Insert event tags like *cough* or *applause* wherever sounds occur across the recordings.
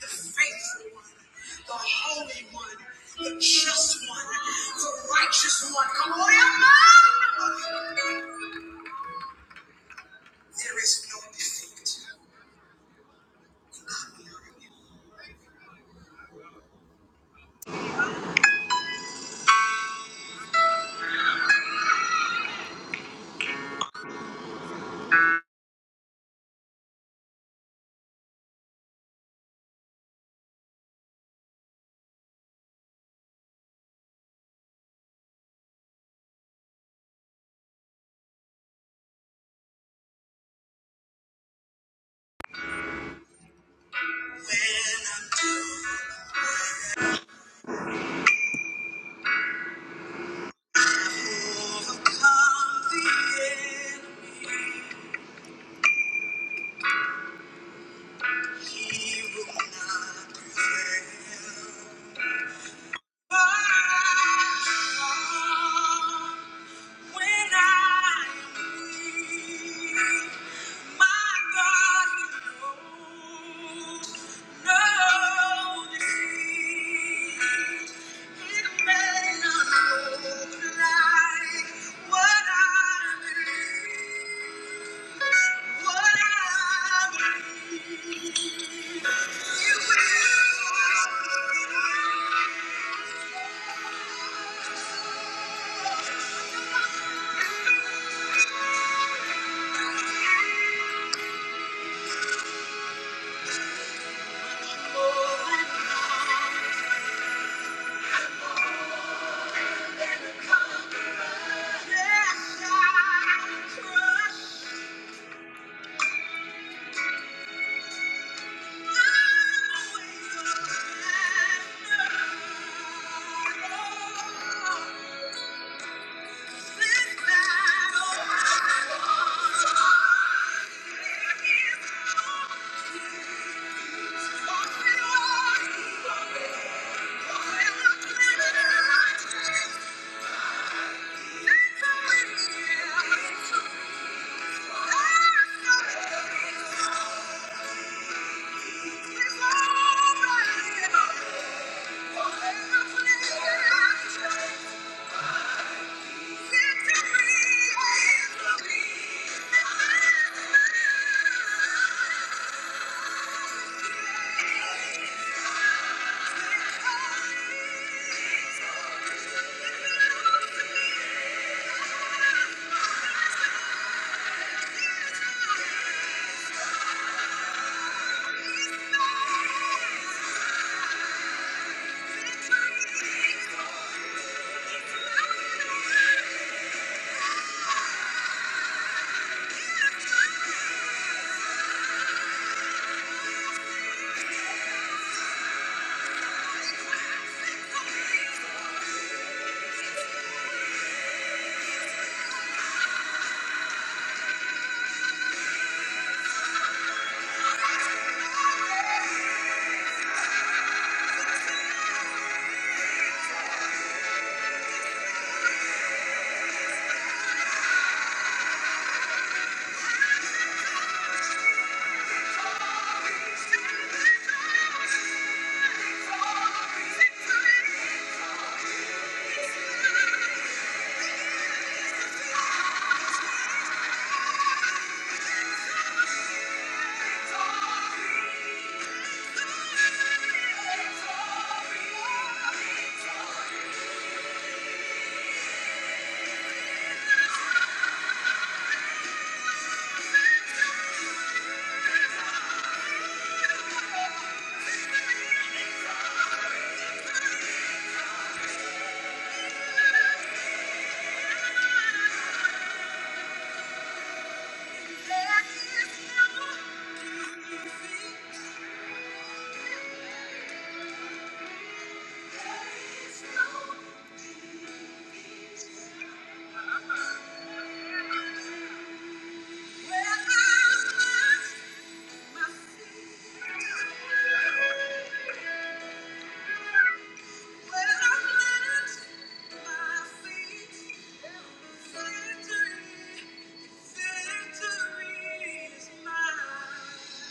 the faithful one, the holy one, the just one, the righteous one. Come on, everybody! There is no defeat. And of the enemy, he will not prevail. But When I am my God, knows no deceit. It may not look like what I believe, what I believe. It will. Thank you. Victory is mine.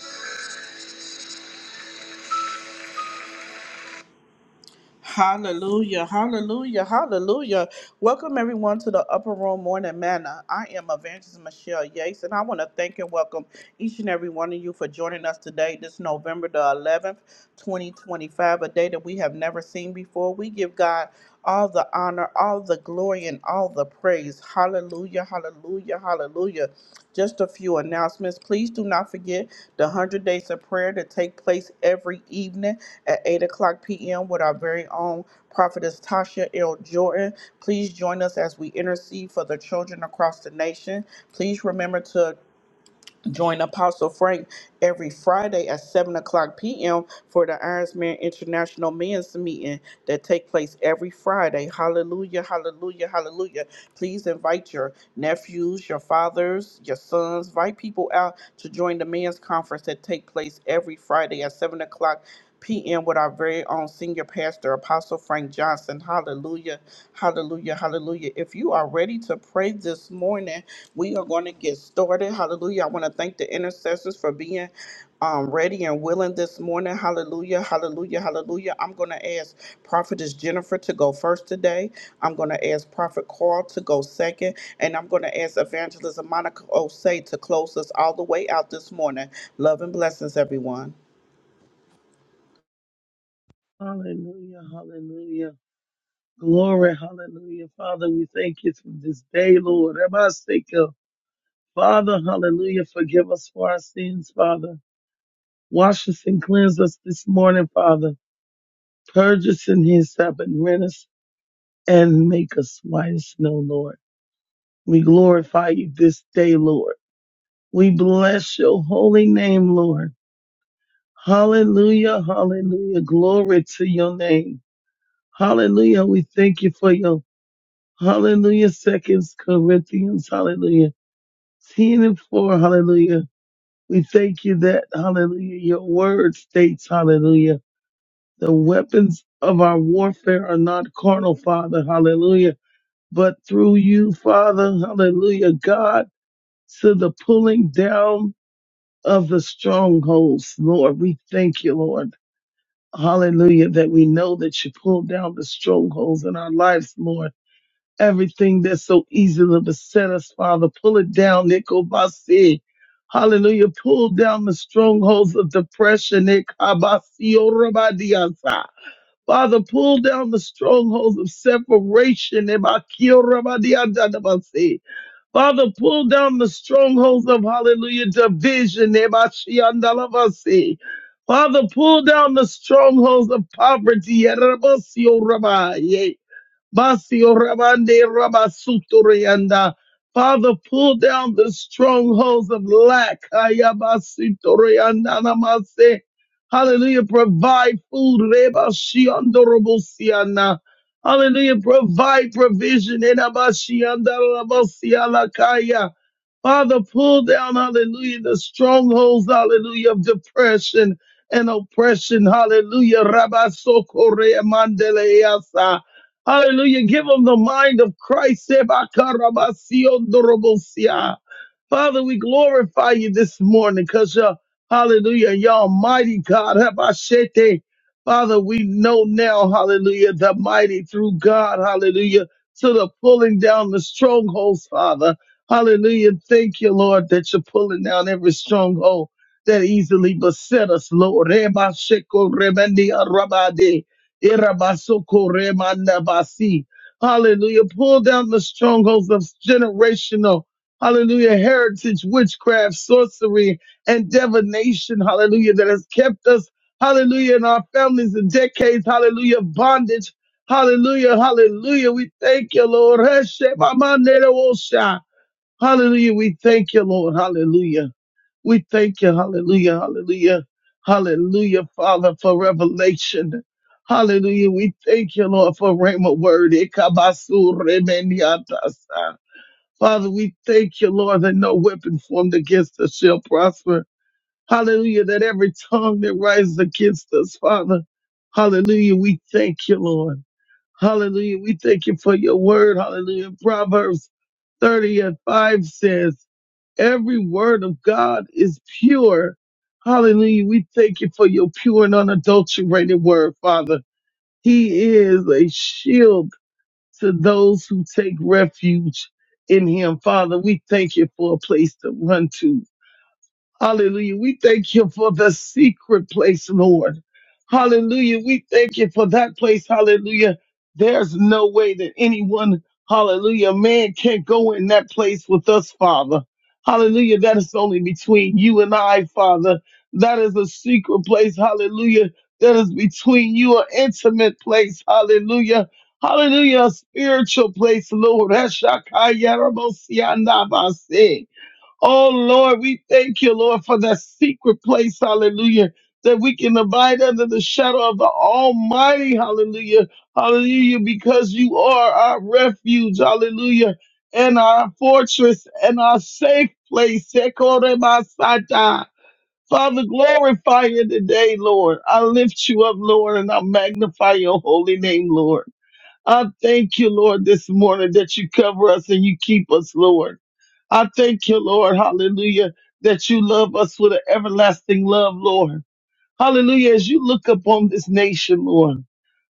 Hallelujah, hallelujah, hallelujah. Welcome everyone to the Upper Room Morning Manna. I am Evangelist Michelle Yates, and I want to thank and welcome each and every one of you for joining us today, this November the 11th, 2025, a day that we have never seen before. We give God all the honor, all the glory, and all the praise. Hallelujah, hallelujah, hallelujah. Just a few announcements. Please do not forget the 100 Days of Prayer to take place every evening at 8 o'clock p.m. with our very own prophetess Tasha L. Jordan. Please join us as we intercede for the children across the nation. Please remember to Join Apostle Frank every Friday at 7 o'clock p.m. for the Ironsman International Men's Meeting that take place every Friday. Hallelujah, hallelujah, hallelujah. Please invite your nephews, your fathers, your sons, invite people out to join the men's conference that take place every Friday at 7 o'clock p.m. with our very own senior pastor, Apostle Frank Johnson. Hallelujah. Hallelujah. Hallelujah. If you are ready to pray this morning, we are going to get started. Hallelujah. I want to thank the intercessors for being um, ready and willing this morning. Hallelujah. Hallelujah. Hallelujah. I'm going to ask Prophetess Jennifer to go first today. I'm going to ask Prophet Carl to go second. And I'm going to ask Evangelist Monica Osei to close us all the way out this morning. Love and blessings, everyone. Hallelujah, hallelujah. Glory, hallelujah. Father, we thank you for this day, Lord. Rabasika. Father, hallelujah. Forgive us for our sins, Father. Wash us and cleanse us this morning, Father. Purge us in his and rent us and make us white as snow, Lord. We glorify you this day, Lord. We bless your holy name, Lord. Hallelujah, hallelujah. Glory to your name. Hallelujah. We thank you for your Hallelujah. Second Corinthians. Hallelujah. 10 and 4. Hallelujah. We thank you that, hallelujah, your word states, hallelujah, the weapons of our warfare are not carnal, Father. Hallelujah. But through you, Father, hallelujah, God, to the pulling down of the strongholds, Lord. We thank you, Lord. Hallelujah, that we know that you pull down the strongholds in our lives, Lord. everything that so easily beset us, Father. Pull it down, Nikobasi. Hallelujah. Pull down the strongholds of depression, Nikabasi Orabadiasa. Father, pull down the strongholds of separation, Nibakiorabadiadadabasi. Father, pull down the strongholds of hallelujah division. Nebashiandalavasi. Father, pull down the strongholds of poverty. Erabasioraba. Basio Ramande Rabasutorianda. Father, pull down the strongholds of lack. Ayabasitorianda namase. Hallelujah. Provide food. Rebashiandorobosiana. Hallelujah. Provide provision. Enabashiandarabosialakaya. Father, pull down, hallelujah, the strongholds, hallelujah, of depression and oppression, hallelujah. Rabba Sokore Mandele Yasa. Hallelujah. Give them the mind of Christ. Seba Karabasio Dorobosia. Father, we glorify you this morning because uh, hallelujah, you're almighty God. Habashete. Father, we know now, hallelujah, the mighty through God, hallelujah, to the pulling down the strongholds, Father. Hallelujah. Thank you, Lord, that you're pulling down every stronghold that easily beset us, Lord. Rebasheko remendi arabade. Irabasoko remandabasi. Hallelujah. Pull down the strongholds of generational hallelujah, heritage, witchcraft, sorcery, and divination, hallelujah, that has kept us, hallelujah, in our families and decades, hallelujah, of bondage, hallelujah, hallelujah. We thank you, Lord. Heshe Hallelujah, we thank you, Lord, hallelujah. We thank you, hallelujah, hallelujah, hallelujah, Father, for revelation. Hallelujah. We thank you, Lord, for Rhema word. Ikabasu Father, we thank you, Lord, that no weapon formed against us shall prosper. Hallelujah, that every tongue that rises against us, Father. Hallelujah, we thank you, Lord. Hallelujah, we thank you for your word. Hallelujah. Proverbs 30 and 5 says, Every word of God is pure. Hallelujah, we thank you for your pure and unadulterated word, Father. He is a shield to those who take refuge in him. Father, we thank you for a place to run to. Hallelujah. We thank you for the secret place, Lord. Hallelujah. We thank you for that place. Hallelujah. There's no way that anyone, hallelujah, man can't go in that place with us, Father. Hallelujah. That is only between you and I, Father. That is a secret place. Hallelujah. That is between you, an intimate place. Hallelujah. Hallelujah. A spiritual place, Lord. Hashakayarabosianabase. Oh Lord, we thank you, Lord, for that secret place, hallelujah, that we can abide under the shadow of the Almighty, hallelujah, hallelujah, because you are our refuge, hallelujah, and our fortress and our safe place. Ekoremasata. Father, glorify you today, Lord. I lift you up, Lord, and I magnify your holy name, Lord. I thank you, Lord, this morning that you cover us and you keep us, Lord. I thank you, Lord, hallelujah, that you love us with an everlasting love, Lord. Hallelujah. As you look upon this nation, Lord.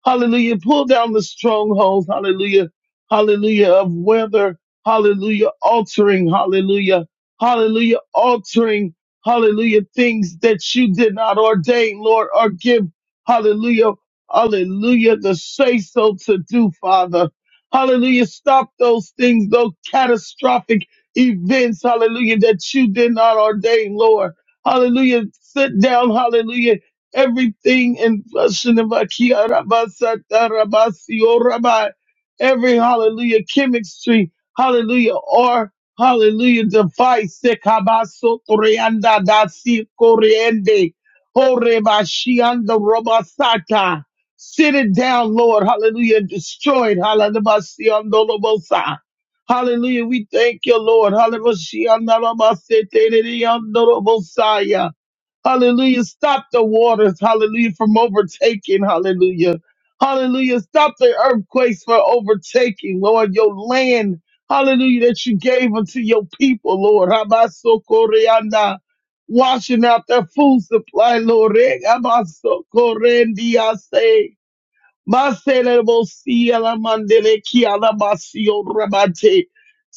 Hallelujah. Pull down the strongholds. Hallelujah. Hallelujah. Of weather. Hallelujah. Altering. Hallelujah. Hallelujah. Altering. Hallelujah. Things that you did not ordain, Lord, or give. Hallelujah. Hallelujah. The say so to do, Father. Hallelujah. Stop those things, those catastrophic events. Hallelujah. That you did not ordain, Lord. Hallelujah. Sit down. Hallelujah everything in blessing of Akia Rabasa Tarabasi O Rabbi, every hallelujah chemistry, hallelujah, or hallelujah device, Sekabaso Torianda Dasi Coriende, Horebashianda Robasata. Sit it down, Lord, hallelujah, and destroy it, hallelujah, Andolobosa. Hallelujah, we thank you, Lord, hallelujah, Andolobosa. Hallelujah. Stop the waters. Hallelujah. From overtaking. Hallelujah. Hallelujah. Stop the earthquakes from overtaking, Lord, your land. Hallelujah. That you gave unto your people, Lord. Habasokoreanda. Washing out their food supply, Lord. Habasokorendiase. Maselebosialamandelekiyalabasiorabate.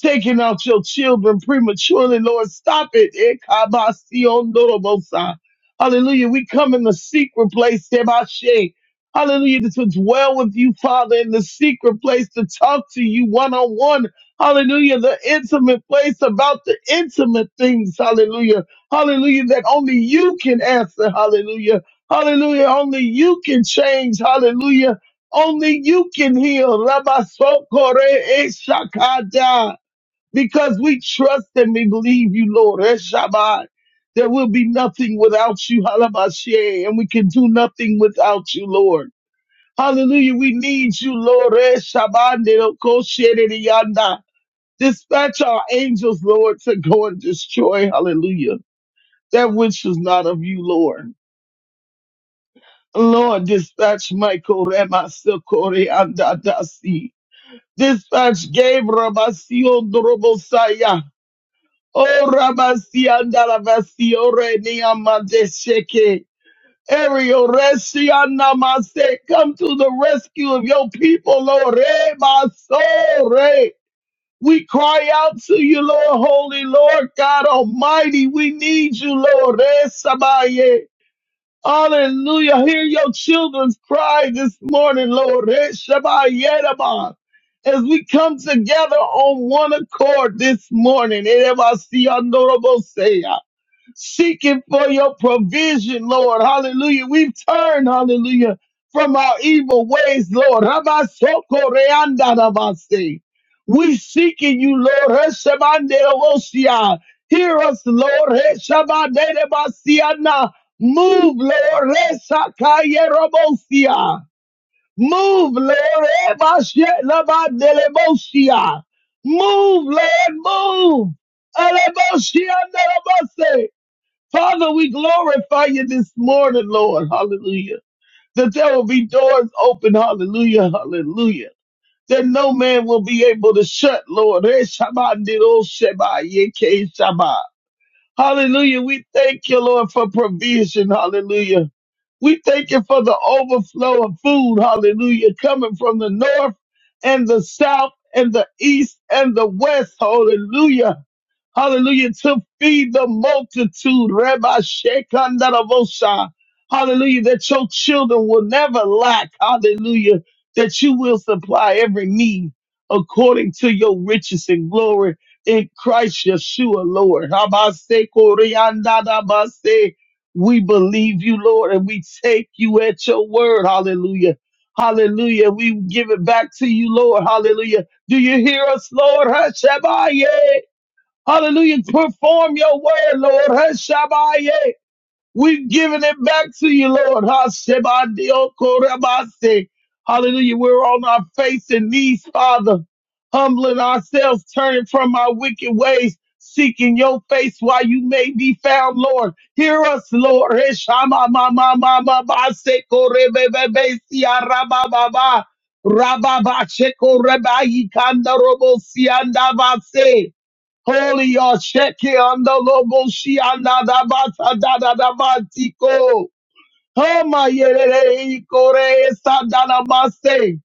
Taking out your children prematurely, Lord, stop it. Ekabasiondorobosa. Hallelujah. We come in the secret place, Sebashe. Hallelujah. To dwell with you, Father, in the secret place, to talk to you one on one. Hallelujah. The intimate place about the intimate things. Hallelujah. Hallelujah. That only you can answer. Hallelujah. Hallelujah. Only you can change. Hallelujah. Only you can heal. Rabasokore eshakada. Because we trust and we believe you, Lord. Eshabai. There will be nothing without you, Halabashe, and we can do nothing without you, Lord. Hallelujah. We need you, Lord. Eshabande okoshereyanda. Dispatch our angels, Lord, to go and destroy, hallelujah, that which is not of you, Lord. Lord, dispatch Michael Rema Sokore Andadasi. Dispatch gave Rabasion Dorobosaya. O Rabasian Dalavasiore Niamandesheke. Ariel Reshiana Mase, come to the rescue of your people, Lord. Eh, my soul, eh. We cry out to you, Lord, holy Lord God Almighty. We need you, Lord. Eh, Sabaye. Hallelujah. Hear your children's cry this morning, Lord. Eh, Shabbat Reshabayetaba. As we come together on one accord this morning. Erebasiandorobosea seeking for your provision, Lord. Hallelujah. We've turned, hallelujah, from our evil ways, Lord. Rabasokoreandarabase. We seeking you, Lord. Heshabanderosia. Hear us, Lord. Heshabanderabasiana. Move, Lord. Hesakayerobosia. Move, Lord. Ebashelabandelemosia. Move, Lord. Move. Elebosia nerabase. Father, we glorify you this morning, Lord. Hallelujah. That there will be doors open. Hallelujah. Hallelujah. That no man will be able to shut, Lord. Eh, Shabbat, did, oh, Shabbat, yeah, K, Shabbat. Hallelujah. We thank you, Lord, for provision. Hallelujah. We thank you for the overflow of food. Hallelujah. Coming from the north and the south and the east and the west. Hallelujah. Hallelujah. To feed the multitude. Rabbi Shekinah Hallelujah. That your children will never lack. Hallelujah. That you will supply every need according to your riches and glory in Christ Yeshua, Lord. Habase koreandadabase. We believe you, Lord, and we take you at your word. Hallelujah. Hallelujah. We give it back to you, Lord. Hallelujah. Do you hear us, Lord? Hashabaye. Hallelujah. Perform your word, Lord. Hashabaye. We've given it back to you, Lord. Hashabadiokorabase. Hallelujah. We're on our face and knees, Father, humbling ourselves, turning from our wicked ways, seeking your face while you may be found, Lord. Hear us, Lord. Rababa Rababa Holy Osheki and the Loboshi and Adabata Dadadabatiko. Hama Yerere Ikore Sadanamase.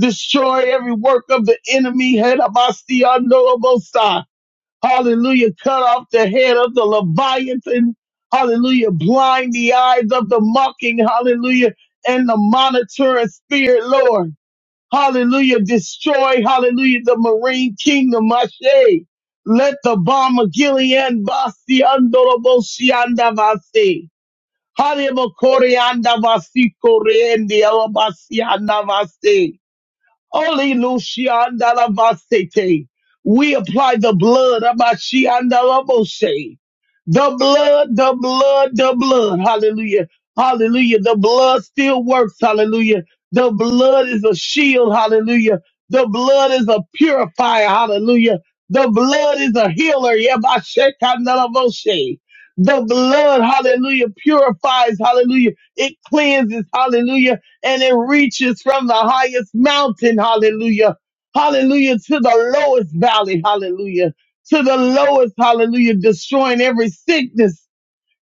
Destroy every work of the enemy. Hedabasti and Lobosa. Hallelujah. Cut off the head of the Leviathan. Hallelujah. Blind the eyes of the mocking. Hallelujah. And the monitoring spirit, Lord. Hallelujah. Destroy, hallelujah, the Marine Kingdom. Ashe. Let the bomb of Gilead Basi Andorobosi Andavasi. Hallelujah. Koreandavasi endi Alabasi Andavasi. Olelushiandalavasete. We apply the blood. Abashiandalavose. The blood, the blood, the blood. Hallelujah. Hallelujah. The blood still works. Hallelujah. The blood is a shield. Hallelujah. The blood is a purifier. Hallelujah. The blood is a healer. Yabashekandalavose. The blood, hallelujah, purifies, hallelujah. It cleanses, hallelujah and it reaches from the highest mountain, hallelujah, hallelujah, to the lowest valley, hallelujah, to the lowest, hallelujah, destroying every sickness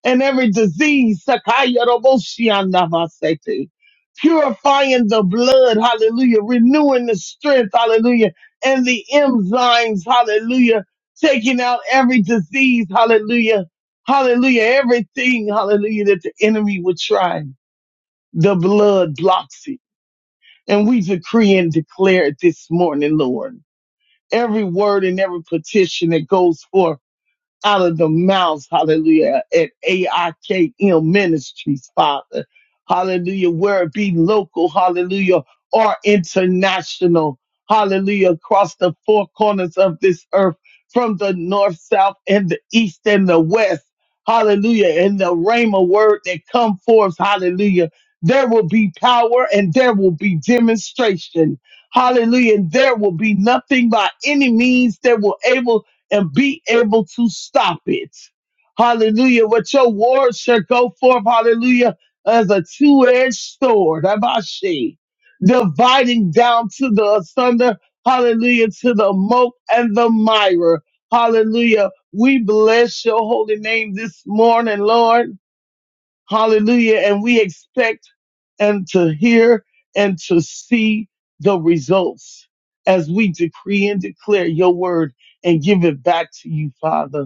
and every disease, Sakaya Roboshian Namasete. purifying the blood, hallelujah, renewing the strength, hallelujah, and the enzymes, hallelujah, taking out every disease, hallelujah, hallelujah, everything, hallelujah, that the enemy would try. The blood blocks it and we decree and declare it this morning, Lord. Every word and every petition that goes forth out of the mouths, hallelujah, at AIKM Ministries, Father. Hallelujah, where it be local, hallelujah, or international, hallelujah, across the four corners of this earth, from the north, south, and the east and the west. Hallelujah. And the rhema word that come forth, hallelujah. There will be power and there will be demonstration. Hallelujah. And there will be nothing by any means that will able and be able to stop it. Hallelujah. What your word shall go forth, hallelujah, as a two edged sword, Abashi, dividing down to the asunder, hallelujah, to the moat and the mire. Hallelujah. We bless your holy name this morning, Lord. Hallelujah. And we expect and to hear and to see the results as we decree and declare your word and give it back to you, Father.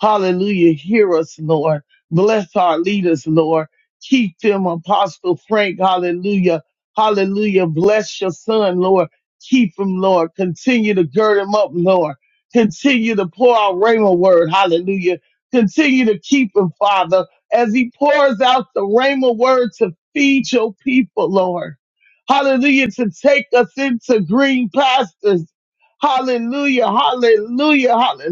Hallelujah. Hear us, Lord. Bless our leaders, Lord. Keep them, Apostle Frank. Hallelujah. Hallelujah. Bless your son, Lord. Keep him, Lord. Continue to gird him up, Lord. Continue to pour out Rhema word. Hallelujah. Continue to keep him, Father as he pours out the rhema word to feed your people, Lord. Hallelujah, to take us into green pastures. Hallelujah, hallelujah, hallelujah.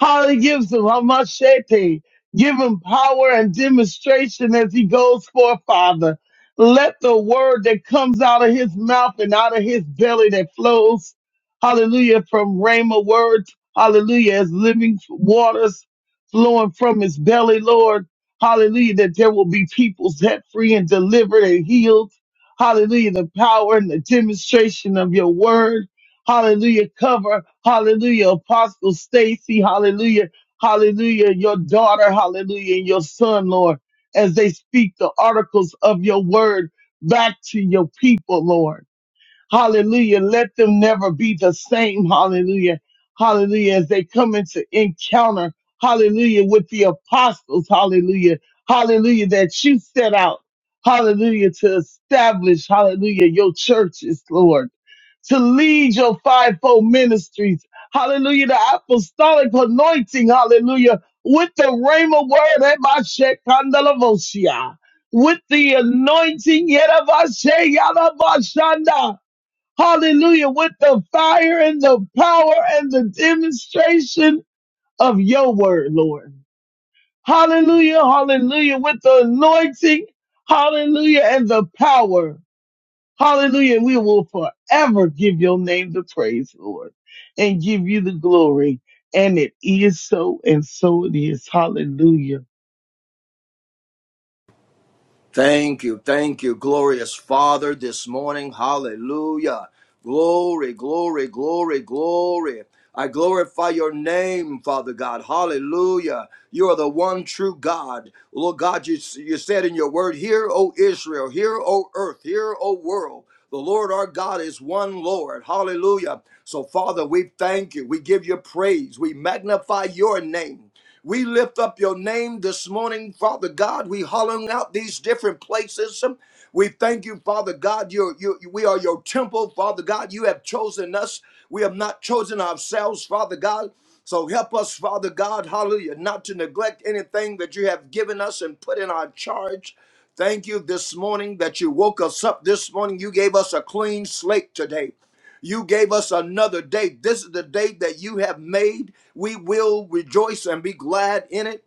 Holly gives him Hamashete. Give him power and demonstration as he goes forth, Father. Let the word that comes out of his mouth and out of his belly that flows, hallelujah, from Rhema words, hallelujah, as living waters flowing from his belly, Lord, hallelujah, that there will be people set free and delivered and healed, hallelujah, the power and the demonstration of your word. Hallelujah. Cover, hallelujah, Apostle Stacy, hallelujah, hallelujah, your daughter, hallelujah, and your son, Lord, as they speak the articles of your word back to your people, Lord. Hallelujah. Let them never be the same. Hallelujah. Hallelujah. As they come into encounter, hallelujah, with the apostles. Hallelujah. Hallelujah. That you set out. Hallelujah. To establish, hallelujah, your churches, Lord. To lead your fivefold ministries. Hallelujah. The apostolic anointing. Hallelujah. With the Rhema word. Ebashekandalavosha. With the anointing. Yerabashe, Yadabashanda Hallelujah. With the fire and the power and the demonstration of your word, Lord. Hallelujah. Hallelujah. With the anointing. Hallelujah. And the power. Hallelujah. We will forever give your name the praise, Lord, and give you the glory. And it is so, and so it is. Hallelujah. Thank you. Thank you, glorious Father, this morning. Hallelujah. Glory, glory, glory, glory. I glorify your name, Father God. Hallelujah. You are the one true God. Lord God, you, you said in your word, Hear, O Israel, hear, O earth, hear, O world. The Lord our God is one Lord. Hallelujah. So, Father, we thank you. We give you praise. We magnify your name. We lift up your name this morning, Father God. We hollowing out these different places. We thank you, Father God. You're, you, we are your temple, Father God. You have chosen us. We have not chosen ourselves, Father God. So help us, Father God, hallelujah, not to neglect anything that you have given us and put in our charge. Thank you this morning that you woke us up this morning. You gave us a clean slate today. You gave us another day. This is the day that you have made. We will rejoice and be glad in it.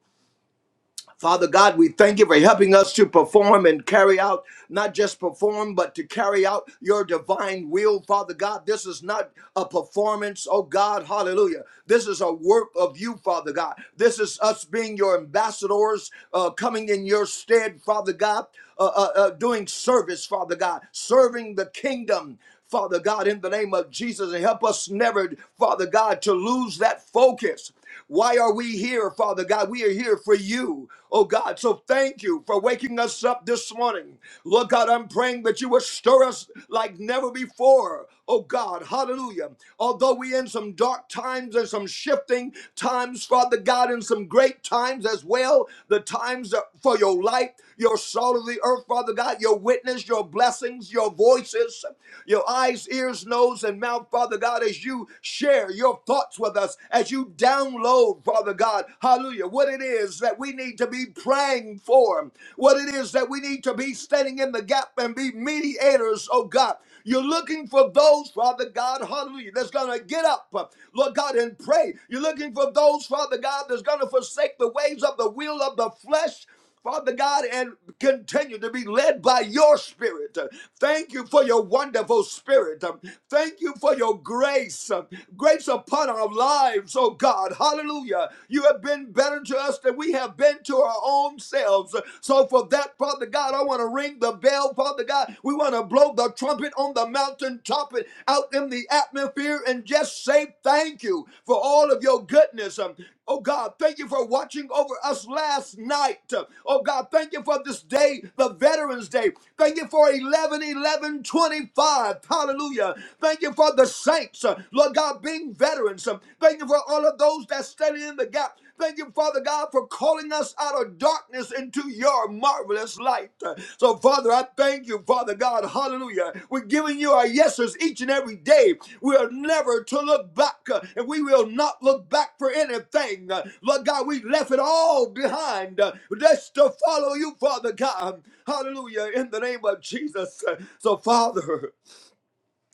Father God, we thank you for helping us to perform and carry out, not just perform, but to carry out your divine will, Father God. This is not a performance, oh God, hallelujah. This is a work of you, Father God. This is us being your ambassadors, uh, coming in your stead, Father God, uh, uh, uh, doing service, Father God, serving the kingdom. Father God, in the name of Jesus, and help us never, Father God, to lose that focus. Why are we here, Father God? We are here for you, oh God. So thank you for waking us up this morning. Lord God, I'm praying that you would stir us like never before, oh God. Hallelujah. Although we in some dark times and some shifting times, Father God, and some great times as well, the times for your light, your salt of the earth, Father God, your witness, your blessings, your voices, your eyes, ears, nose, and mouth, Father God, as you share your thoughts walks with us, as you download, Father God, hallelujah, what it is that we need to be praying for, what it is that we need to be standing in the gap and be mediators, oh God. You're looking for those, Father God, hallelujah, that's going to get up, uh, Lord God, and pray. You're looking for those, Father God, that's going to forsake the ways of the will of the flesh. Father God, and continue to be led by your spirit. Thank you for your wonderful spirit. Thank you for your grace, grace upon our lives, oh God. Hallelujah. You have been better to us than we have been to our own selves. So, for that, Father God, I want to ring the bell, Father God. We want to blow the trumpet on the mountaintop and out in the atmosphere and just say thank you for all of your goodness. Oh God, thank you for watching over us last night. Oh God, thank you for this day, the Veterans Day. Thank you for eleven eleven twenty five. Hallelujah. Thank you for the saints, uh, Lord God, being veterans. Uh, Thank you for all of those that study in the gap. Thank you, Father God, for calling us out of darkness into your marvelous light. So, Father, I thank you, Father God. Hallelujah. We're giving you our yeses each and every day. We are never to look back, uh, and we will not look back for anything. Uh, Lord God, we left it all behind uh, just to follow you, Father God. Hallelujah. In the name of Jesus. Uh, So, Father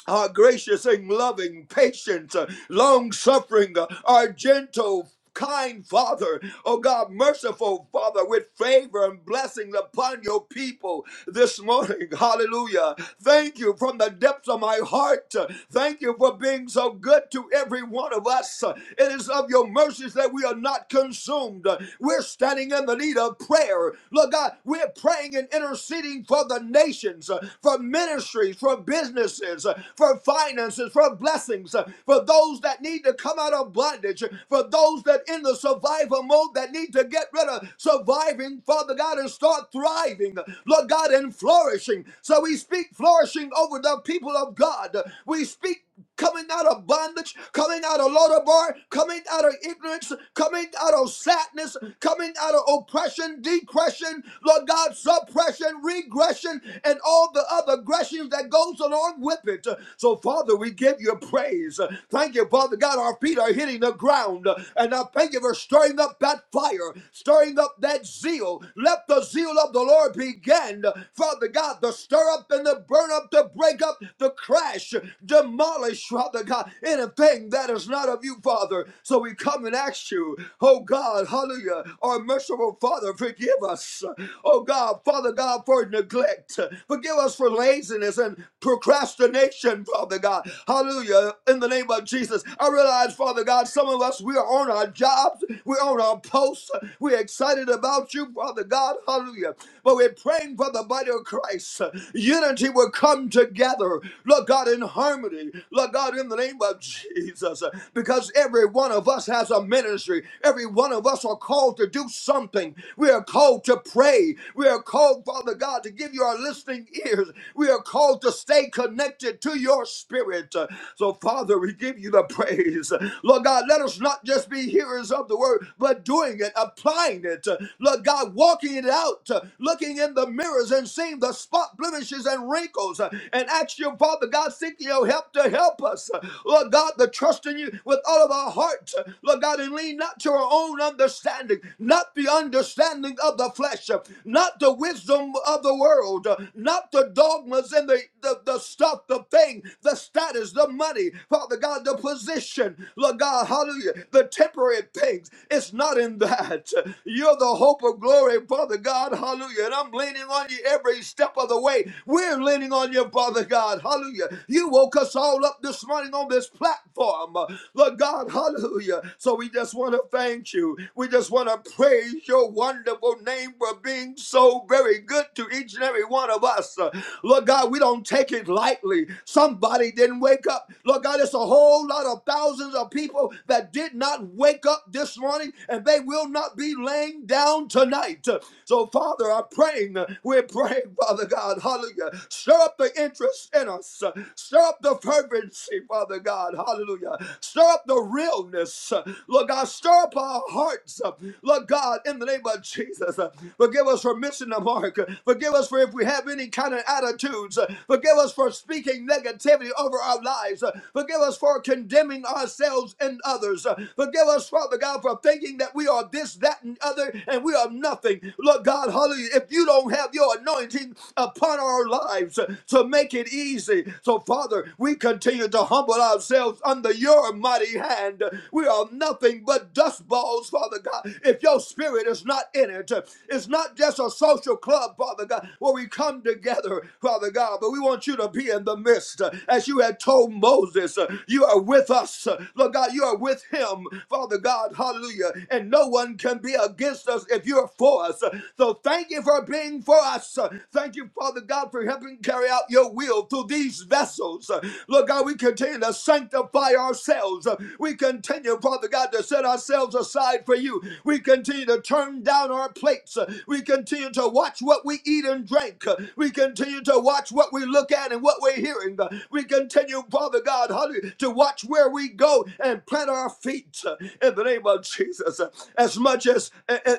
are gracious and loving, patient, long suffering, are gentle, kind Father, oh God, merciful Father, with favor and blessings upon your people this morning. *laughs* Hallelujah. Thank you from the depths of my heart. Thank you for being so good to every one of us. It is of your mercies that we are not consumed. We're standing in the need of prayer. Lord God, we're praying and interceding for the nations, for ministries, for businesses businesses, uh, for finances, for blessings, uh, for those that need to come out of bondage, uh, for those that in the survival mode that need to get rid of surviving, Father God, and start thriving, uh, Lord God, and flourishing. So we speak flourishing over the people of God. We speak coming out of bondage, coming out of bar, coming out of ignorance, coming out of sadness, coming out of oppression, depression, Lord God, suppression, regression, and all the other aggressions that goes along with it. So, Father, we give you praise. Thank you, Father God. Our feet are hitting the ground. And I thank you for stirring up that fire, stirring up that zeal. Let the zeal of the Lord begin, Father God, to stir up and to burn up, to break up, to crash, demonic demolish, Father God, anything that is not of you, Father. So we come and ask you, oh God, hallelujah, our merciful Father, forgive us, oh God, Father God, for neglect. Forgive us for laziness and procrastination, Father God. Hallelujah, in the name of Jesus. I realize, Father God, some of us, we are on our jobs, we're on our posts, we're excited about you, Father God, hallelujah. But we're praying for the body of Christ. Unity will come together, Lord God, in harmony harmony, Lord God, in the name of Jesus, because every one of us has a ministry. Every one of us are called to do something. We are called to pray. We are called, Father God, to give you our listening ears. We are called to stay connected to your spirit. So, Father, we give you the praise. Lord God, let us not just be hearers of the word, but doing it, applying it. Lord God, walking it out, looking in the mirrors and seeing the spot blemishes and wrinkles, and ask you, Father God. God, seek your help to help us. Lord God, to trust in you with all of our hearts. Lord God, and lean not to our own understanding, not the understanding of the flesh, not the wisdom of the world, not the dogmas and the, the, the stuff, the thing, the status, the money, Father God, the position, Lord God, hallelujah, the temporary things. It's not in that. You're the hope of glory, Father God, hallelujah. And I'm leaning on you every step of the way. We're leaning on you, Father God, hallelujah. You woke us all up this morning on this platform, uh, Lord God, hallelujah. So we just want to thank you. We just want to praise your wonderful name for being so very good to each and every one of us. Uh, Lord God, we don't take it lightly. Somebody didn't wake up. Lord God, it's a whole lot of thousands of people that did not wake up this morning and they will not be laying down tonight. So, Father, I'm praying. We're praying, Father God, hallelujah. Stir up the interest works in us. Stir up the fervency, Father God. Hallelujah. Stir up the realness. Lord God, stir up our hearts. Lord God, in the name of Jesus. Forgive us for missing the mark. Forgive us for if we have any kind of attitudes. Forgive us for speaking negativity over our lives. Forgive us for condemning ourselves and others. Forgive us, Father God, for thinking that we are this, that, and other, and we are nothing. Lord God, hallelujah. If you don't have your anointing upon our lives, to to make it easy. So, Father, we continue to humble ourselves under your mighty hand. We are nothing but dust balls, Father God. If your spirit is not in it, it's not just a social club, Father God, where we come together, Father God, but we want you to be in the midst. As you had told Moses, you are with us. Lord God, you are with him, Father God, hallelujah. And no one can be against us if you're for us. So thank you for being for us. Thank you, Father God, for helping carry out your will through these vessels. Uh, Lord God, we continue to sanctify ourselves. Uh, We continue, Father God, to set ourselves aside for you. We continue to turn down our plates. Uh, We continue to watch what we eat and drink. Uh, We continue to watch what we look at and what we're hearing. Uh, We continue, Father God, hallelujah, to watch where we go and plant our feet uh, in the name of Jesus. Uh, As much as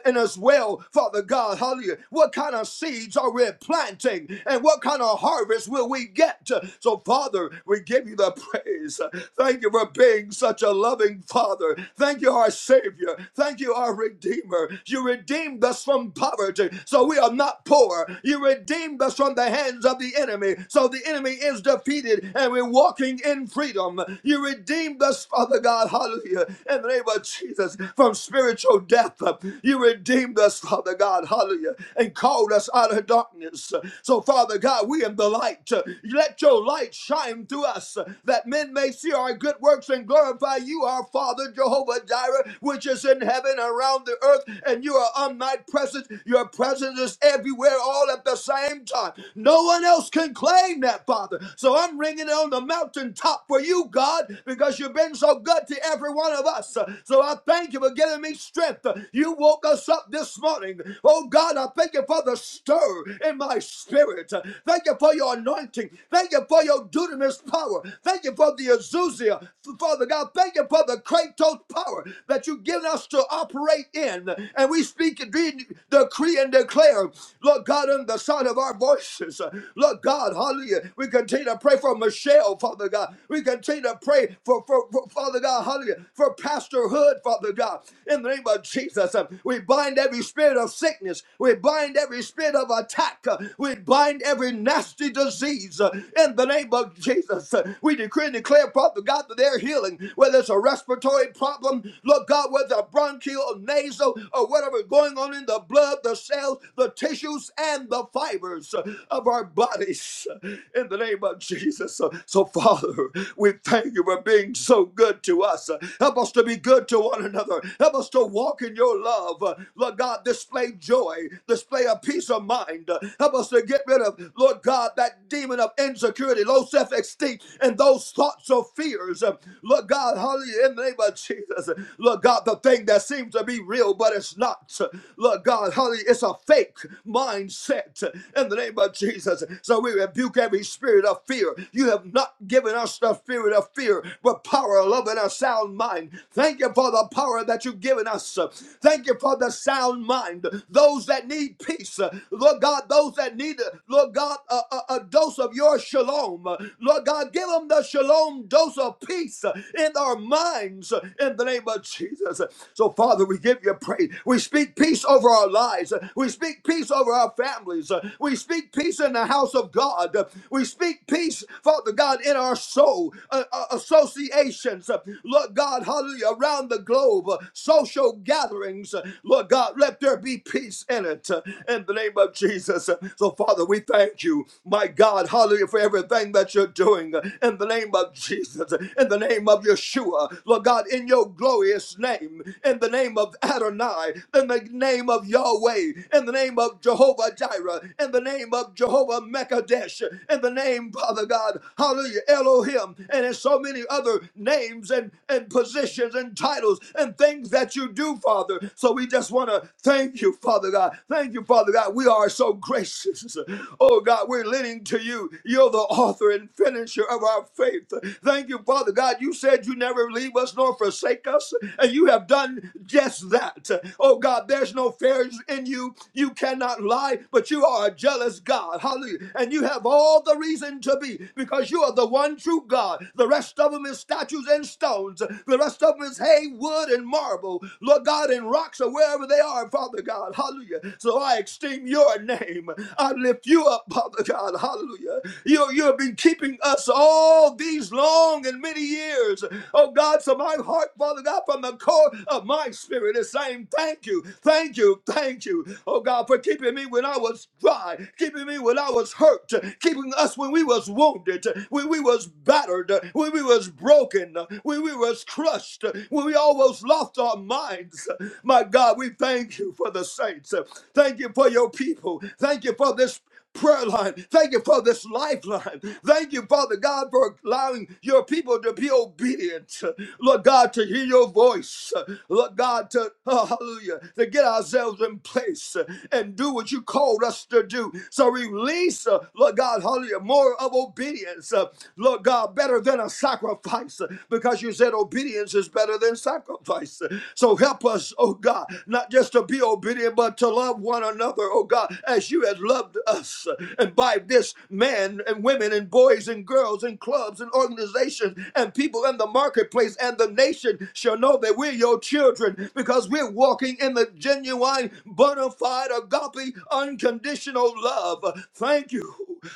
and as well, Father God, hallelujah, what kind of seeds are we planting and what and what kind of harvest will we get? So, Father, we give you the praise. Thank you for being such a loving Father. Thank you, our Savior. Thank you, our Redeemer. You redeemed us from poverty, so we are not poor. You redeemed us from the hands of the enemy, so the enemy is defeated and we're walking in freedom. You redeemed us, Father God, hallelujah, in the name of Jesus, from spiritual death. You redeemed us, Father God, hallelujah, and called us out of darkness. So, so, Father God, we am the light. Let your light shine through us that men may see our good works and glorify you, our Father Jehovah Jireh, which is in heaven around the earth. And you are omnipresent. Your presence is everywhere all at the same time. No one else can claim that, Father. So I'm ringing it on the mountaintop for you, God, because you've been so good to every one of us. So I thank you for giving me strength. You woke us up this morning. Oh, God, I thank you for the stir in my Holy Spirit. Thank you for your anointing. Thank you for your dunamis power. Thank you for the Azuzia, Father God, thank you for the Kratos power that you've given us to operate in. And we speak and de- decree and declare, Lord God, in the sound of our voices. Lord God, hallelujah. We continue to pray for Michelle, Father God. We continue to pray for, for, for Father God, hallelujah, for Pastor Hood, Father God. In the name of Jesus, we bind every spirit of sickness. We bind every spirit of attack attack. uh, We bind every nasty disease uh, in the name of Jesus. Uh, We decree and declare, Father God, that they're healing, whether it's a respiratory problem, Lord God, whether a bronchial or nasal or whatever going on in the blood, the cells, the tissues, and the fibers uh, of our bodies uh, in the name of Jesus. Uh, So, Father, we thank you for being so good to us. Uh, Help us to be good to one another. Help us to walk in your love. Uh, Lord God, display joy, display a peace of mind mind. Uh, Help us to get rid of, Lord God, that demon of insecurity, low self esteem, and those thoughts of fears. Uh, Lord God, hallelujah, in the name of Jesus. Lord God, the thing that seems to be real, but it's not. Lord God, hallelujah, it's a fake mindset in the name of Jesus. So we rebuke every spirit of fear. You have not given us the spirit of fear, but power, love, and a sound mind. Thank you for the power that you've given us. Thank you for the sound mind. Those that need peace, peace. Uh, Lord God, those that need, uh, Lord God, a, a, a dose of your shalom. Uh, Lord God, give them the shalom dose of peace uh, in our minds uh, in the name of Jesus. Uh, So, Father, we give you praise. We speak peace over our lives. Uh, We speak peace over our families. Uh, We speak peace in the house of God. Uh, We speak peace, Father God, in our soul, uh, uh, associations. Uh, Lord God, hallelujah, around the globe, uh, social gatherings. Uh, Lord God, let there be peace in it in the name of Jesus. So, Father, we thank you, my God, hallelujah, for everything that you're doing in the name of Jesus, in the name of Yeshua, Lord God, in your glorious name, in the name of Adonai, in the name of Yahweh, in the name of Jehovah Jireh, in the name of Jehovah Mekadesh, in the name, Father God, hallelujah, Elohim, and in so many other names and, and positions and titles and things that you do, Father. So we just want to thank you, Father God. God. Thank you, Father God. We are so gracious. Oh God, we're leaning to you. You're the author and finisher of our faith. Thank you, Father God. You said you never leave us nor forsake us, and you have done just that. Oh God, there's no fears in you. You cannot lie, but you are a jealous God. Hallelujah. And you have all the reason to be because you are the one true God. The rest of them is statues and stones. The rest of them is hay, wood, and marble. Lord God, and rocks or wherever they are, Father God. God. Hallelujah. So I esteem your name. I lift you up, Father God. Hallelujah. You, you have been keeping us all these long and many years. Oh God, so my heart, Father God, from the core of my spirit is saying, Thank you, thank you, thank you. Oh God, for keeping me when I was dry, keeping me when I was hurt, keeping us when we was wounded, when we was battered, when we was broken, when we was crushed, when we almost lost our minds. My God, we thank you you for the saints. Thank you for your people. Thank you for this prayer line. Thank you for this lifeline. Thank you, Father God, for allowing your people to be obedient. Lord God, to hear your voice. Lord God, to oh, hallelujah, to get ourselves in place and do what you called us to do. So release, uh, Lord God, hallelujah, more of obedience. uh, Lord God, better than a sacrifice uh, because you said obedience is better than sacrifice. So help us, oh God, not just is to be obedient, but to love one another, oh God, as you have loved us. And by this, men and women and boys and girls and clubs and organizations and people in the marketplace and the nation shall know that we're your children because we're walking in the genuine, bona fide, agape, unconditional love. Thank you,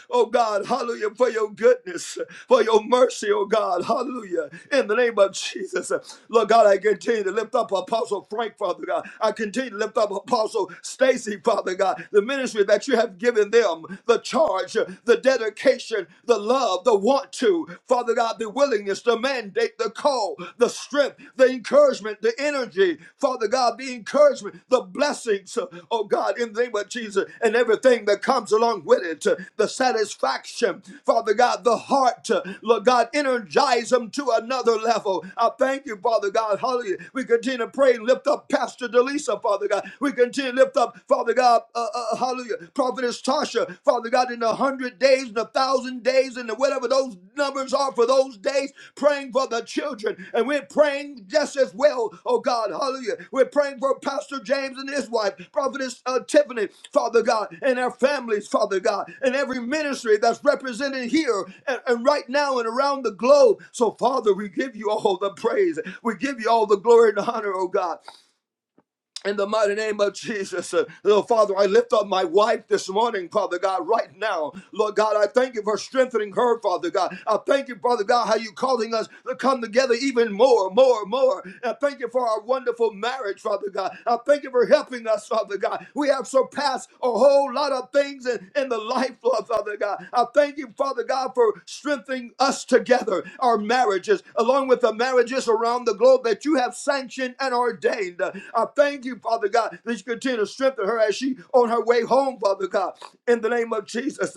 oh God, hallelujah, for your goodness, for your mercy, oh God, hallelujah, in the name of Jesus. Lord God, I continue to lift up Apostle Frank, Father God. I continue to lift up Apostle Stacy, Father God, the ministry that you have given them, the charge, the dedication, the love, the want to, Father God, the willingness, the mandate, the call, the strength, the encouragement, the energy, Father God, the encouragement, the blessings, oh God, in the name of Jesus, and everything that comes along with it, the satisfaction, Father God, the heart, Lord God, energize them to another level. I thank you, Father God, hallelujah. We continue to pray and lift up Pastor Delisa, Father God. We continue to lift up, Father God, uh, uh, uh, hallelujah, Prophetess Tasha, Father God, in the hundred days and a thousand days and the whatever those numbers are for those days, praying for the children. And we're praying just as well, oh God, hallelujah. We're praying for Pastor James and his wife, Prophetess uh, Tiffany, Father God, and their families, Father God, and every ministry that's represented here and, and right now and around the globe. So, Father, we give you all the praise. We give you all the glory and honor, oh God in the mighty name of Jesus. Uh, Lord Father, I lift up my wife this morning, Father God, right now. Lord God, I thank you for strengthening her, Father God. I thank you, Father God, how you calling us to come together even more, more, more. I thank you for our wonderful marriage, Father God. I thank you for helping us, Father God. We have surpassed us a whole lot of things in, in the life, Lord Father God. I thank you, Father God, for strengthening us together, our marriages, along with the marriages around the globe that you have sanctioned and ordained. I thank you, Father God, that you continue to strengthen her as she on her way home, Father God, in the name of Jesus.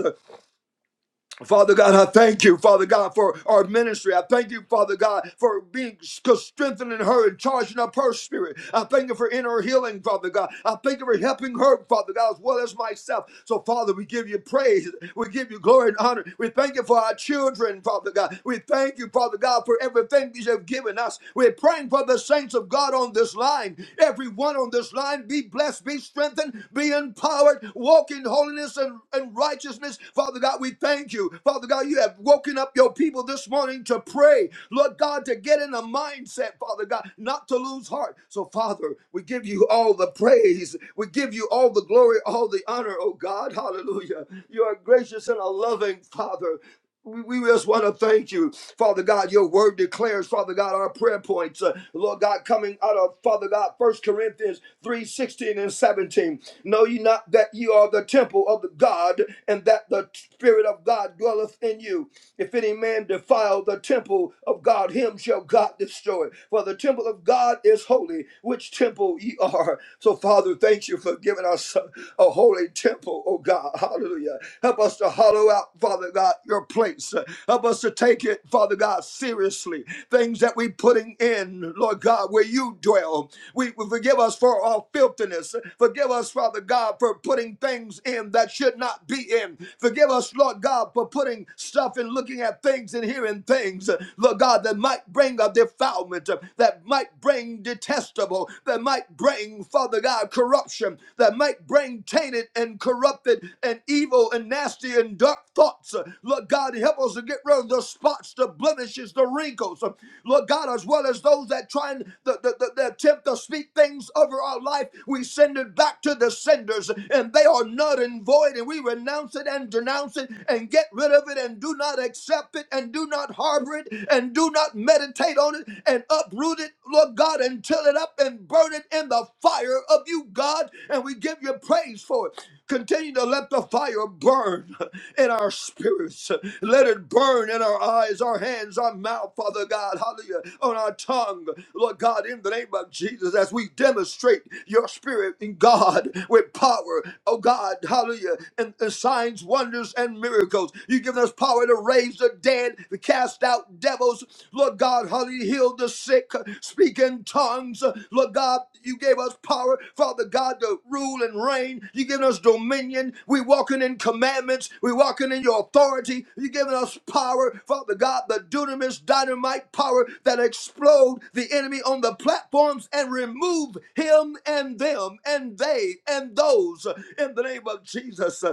Father God, I thank you, Father God, for our ministry. I thank you, Father God, for being strengthening her and charging up her spirit. I thank you for inner healing, Father God. I thank you for helping her, Father God, as well as myself. So, Father, we give you praise. We give you glory and honor. We thank you for our children, Father God. We thank you, Father God, for everything that you have given us. We're praying for the saints of God on this line. Everyone on this line, be blessed, be strengthened, be empowered, walk in holiness and, and righteousness. Father God, we thank thank you, Father God, you have woken up your people this morning to pray, Lord God, to get in a mindset, Father God, not to lose heart. So, Father, we give you all the praise, we give you all the glory, all the honor, oh God, hallelujah. You are gracious and a loving Father. We we just want to thank you, Father God. Your word declares, Father God, our prayer points. Uh, Lord God, coming out of Father God, First Corinthians three sixteen and 17. Know ye not that ye are the temple of the God, and that the Spirit of God dwelleth in you? If any man defile the temple of God, him shall God destroy. For the temple of God is holy, which temple ye are. So, Father, thank you for giving us a a holy temple hollow, oh God. Hallelujah. Help us to hollow out, Father God, your plates. Help us to take it, Father God, seriously. Things that we putting in, Lord God, where you dwell. We, we forgive us for our filthiness. Forgive us, Father God, for putting things in that should not be in. Forgive us, Lord God, for putting stuff and looking at things and hearing things, Lord God, that might bring a defilement, that might bring detestable, that might bring bring, Father God, corruption, that might bring tainted and corrupted and evil and nasty and dark thoughts. Uh, Lord God, help us to get rid of the spots, the blemishes, the wrinkles. Uh, Lord God, as well as those that try and the, the, the, the attempt to speak things over our life, we send it back to the senders, and they are null and void, and we renounce it and denounce it and get rid of it and do not accept it and do not harbor it and do not meditate on it and uproot it, Lord God, and till it up and burn it in the fire of you, God. And we give you praise for it. Continue to let the fire burn in our spirits. Let it burn in our eyes, our hands, our mouth, Father God, hallelujah, on our tongue, Lord God, in the name of Jesus, as we demonstrate your spirit in God with power, oh God, hallelujah, and, and signs, wonders, and miracles. You give us power to raise the dead, cast out devils. Lord God, hallelujah, heal the sick, speak in tongues. Lord God, you gave us power, Father God, to rule and reign. You given us dominion. We walking in commandments. We walking in your authority. You giving us power, Father God, the dunamis dynamite power that explode the enemy on the platforms and remove him and them and they and those in the name of Jesus.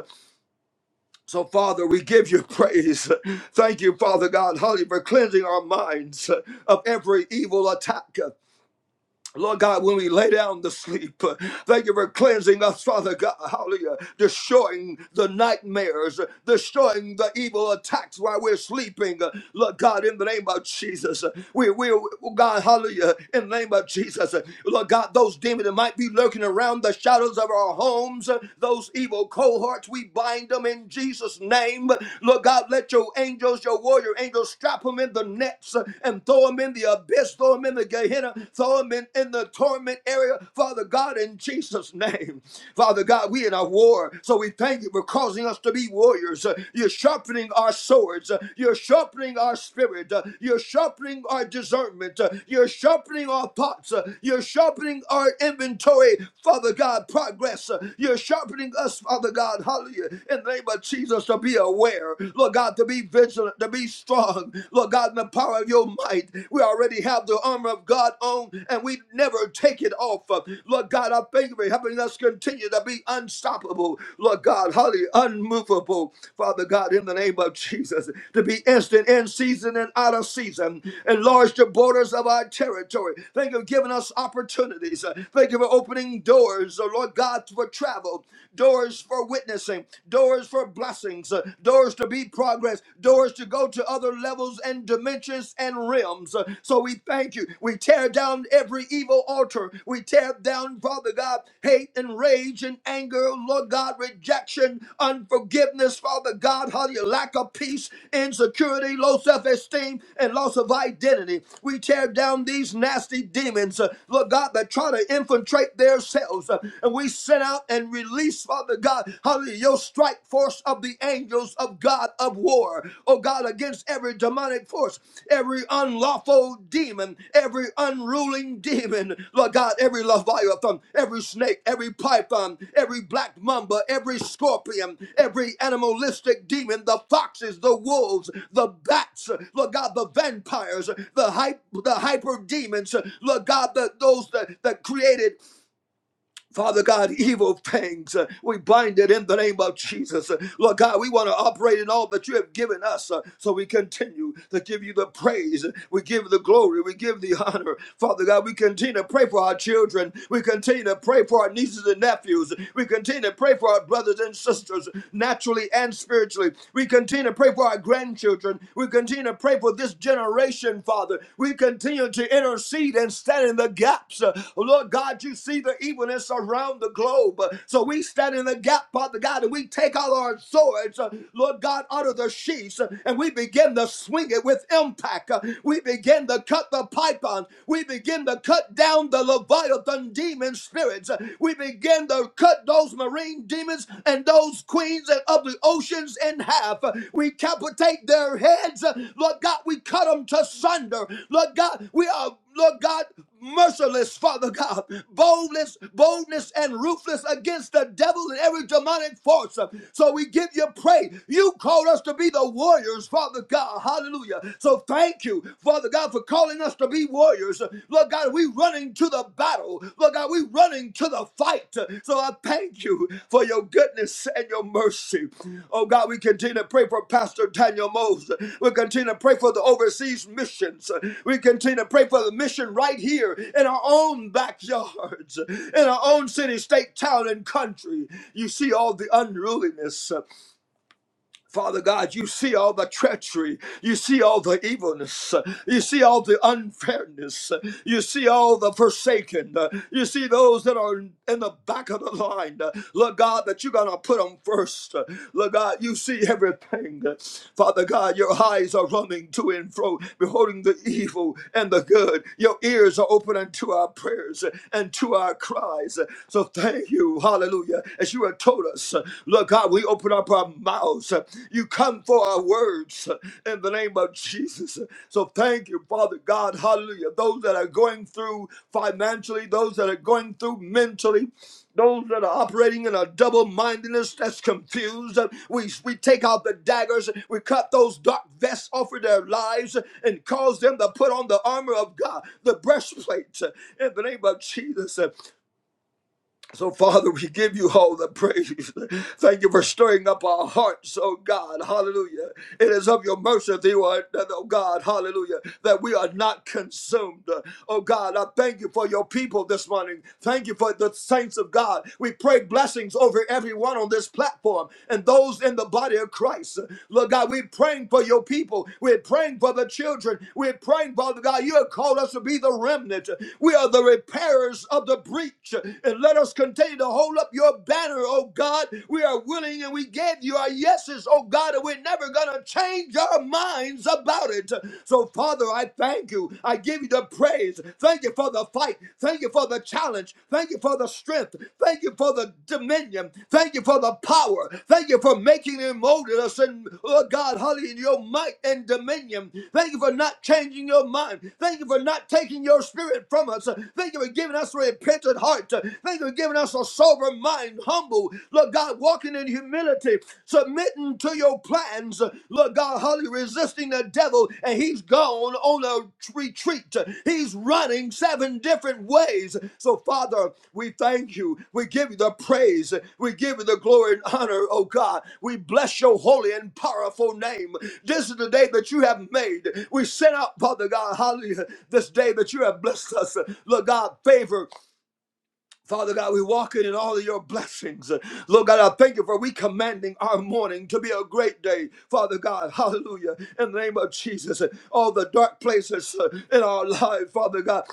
So, Father, we give you *laughs* praise. Thank you, Father God, hallelujah, for cleansing our minds of every evil attack. Lord God, when we lay down to sleep, uh, thank you for cleansing us, Father God. Hallelujah. Destroying the nightmares, uh, destroying the evil attacks while we're sleeping. Uh, Lord God, in the name of Jesus, uh, we, we, we- God, hallelujah, in the name of Jesus. uh, Lord God, those demons that might be lurking around the shadows of our homes, uh, those evil cohorts, we bind them in Jesus' name. Lord God, let your angels, your warrior angels, strap them in the nets uh, and throw them throw them in the abyss, throw them in the Gehenna, throw them in, in the torment area, Father God, in Jesus' name. Father God, we in a war, so we thank you for causing us to be warriors. Uh, You're sharpening our swords, Uh, you're sharpening our spirit, Uh, you're sharpening our discernment, Uh, you're sharpening our thoughts, Uh, you're sharpening our inventory, Father God, progress. Uh, You're sharpening us, Father God, hallelujah, in the name of Jesus, to be aware, Lord God, to be vigilant, to be to be strong, Lord God, in the power of your might. We already have the armor of God on and we never take it off. Lord God, I thank you for helping us continue to be unstoppable, Lord God, holy, unmovable, Father God, in the name of Jesus, to be instant in season and out of season. Enlarge the borders of our territory. Thank you for giving us opportunities. Thank you for opening doors, oh Lord God, for travel, doors for witnessing, doors for blessing blessings, uh, doors to be progress, doors to go to other levels and dimensions and realms. Uh, So we thank you. We tear down every evil altar. We tear down, Father God, hate and rage and anger, Lord God, rejection, unforgiveness, Father God, how you lack of peace, insecurity, low self esteem, and loss of identity. We tear down these nasty demons, uh, Lord God, that try to infiltrate themselves. uh, And we send out and release release, Father God, hallelujah, your strike force of the angels of God of war, oh God, against every demonic force, every unlawful demon, every unruling demon, Lord God, every leviathan, every snake, every python, every black mamba, every scorpion, every animalistic demon, the foxes, the wolves, the bats, Lord God, the vampires, the hype, the hyper demons, Lord God, the, those that, that created Father God, evil things, uh, we bind it in the name of Jesus. Uh, Lord God, we want to operate in all that you have given us. uh, so we continue to give you the praise. We give the glory. We give the honor. Father God, we continue to pray for our children. We continue to pray for our nieces and nephews. We continue to pray for our brothers and sisters, naturally and spiritually. We continue to pray for our grandchildren. We continue to pray for this this generation, Father. We continue to intercede and stand in the gaps. Uh, Lord God, you see the evilness around the globe. Uh, So we stand in the gap, Father God, and we take all our swords, uh, Lord God, out of the sheaths, uh, and we begin to swing it with impact. Uh, We begin to cut the pythons. We begin to cut down the Leviathan demon spirits. Uh, We begin to cut those marine sleeping demons and those queens of the oceans in half. We capitate their heads. Lord God, we cut them to sunder. Lord God, we are, Lord God, merciless, Father God, boldness, boldness, and ruthless against the devil and every demonic force. So we give you praise. You called us to be the warriors, Father God. Hallelujah. So thank you, Father God, for calling us to to be warriors. Lord God, we running to the battle. Lord God, we running to the fight. So I thank you for your goodness and your mercy. Oh God, we continue to pray for Pastor Daniel Mose. We continue to pray for the overseas missions. We continue to pray for the mission right here in our own backyards, in our own city, state, town, and country. You see all the unruliness. Father God, you see all the treachery. You see all the evilness. You see all the unfairness. You see all the forsaken. You see those that are in the back of the line. Lord God, that you're going to put them first. Lord God, you see everything. Father God, your eyes are running to and fro, beholding the evil and the good. Your ears are open unto our prayers and to our cries. So thank you. Hallelujah. As you are Sarah told us, uh, Lord God, we open up our mouths. uh, You come for our words uh, in the name of Jesus. So thank you, Father God. Hallelujah. Those that are going through financially, those that are going through mentally, those that are operating in a double mindedness that's confused. uh, We, we take out the daggers, we cut those dark vests off of their lives uh, and cause them to put on the armor of God, the breastplate, uh, in the name of Jesus. So, Father, we give you all the praise. *laughs* Thank you for stirring up our hearts, oh God. Hallelujah. It is of your mercy, that you are, oh God, hallelujah, that we are not consumed. Oh God, I thank you for your people this morning. Thank you for the saints of God. We pray blessings over everyone on this platform and those in the body of Christ. Lord God, we're praying for your people. We're praying for the children. We're praying, Father God, you have called us to be the remnant. We are the repairers of the breach. And let us continue to hold up your banner, oh God. We are willing and we gave you our yeses, oh God, and we're never going to change our minds about it. So, Father, I thank you. I give you the praise. Thank you for the fight. Thank you for the challenge. Thank you for the strength. Thank you for the dominion. Thank you for the power. Thank you for making and molding us and, oh God, hallelujah, in your might and dominion. Thank you for not changing your mind. Thank you for not taking your spirit from us. Thank you for giving us repentance contrite heart. Thank you for giving us a sober mind, humble. Lord God, walking in humility, submitting to your plans. Lord God, hallelujah, resisting the devil, and he's gone on a retreat. He's running seven different ways. So, Father, we thank you. We give you the praise. We give you the glory and honor, oh God. We bless your holy and powerful name. This is the day that you have made. We send out, Father God, hallelujah, this day that you have blessed us. Lord God, favor. Father God, we walk in in all of your blessings. Lord God, I thank you for we commanding our morning to be a great day. Father God, *laughs* hallelujah. In the name of Jesus, all the dark places uh, in our life, Father God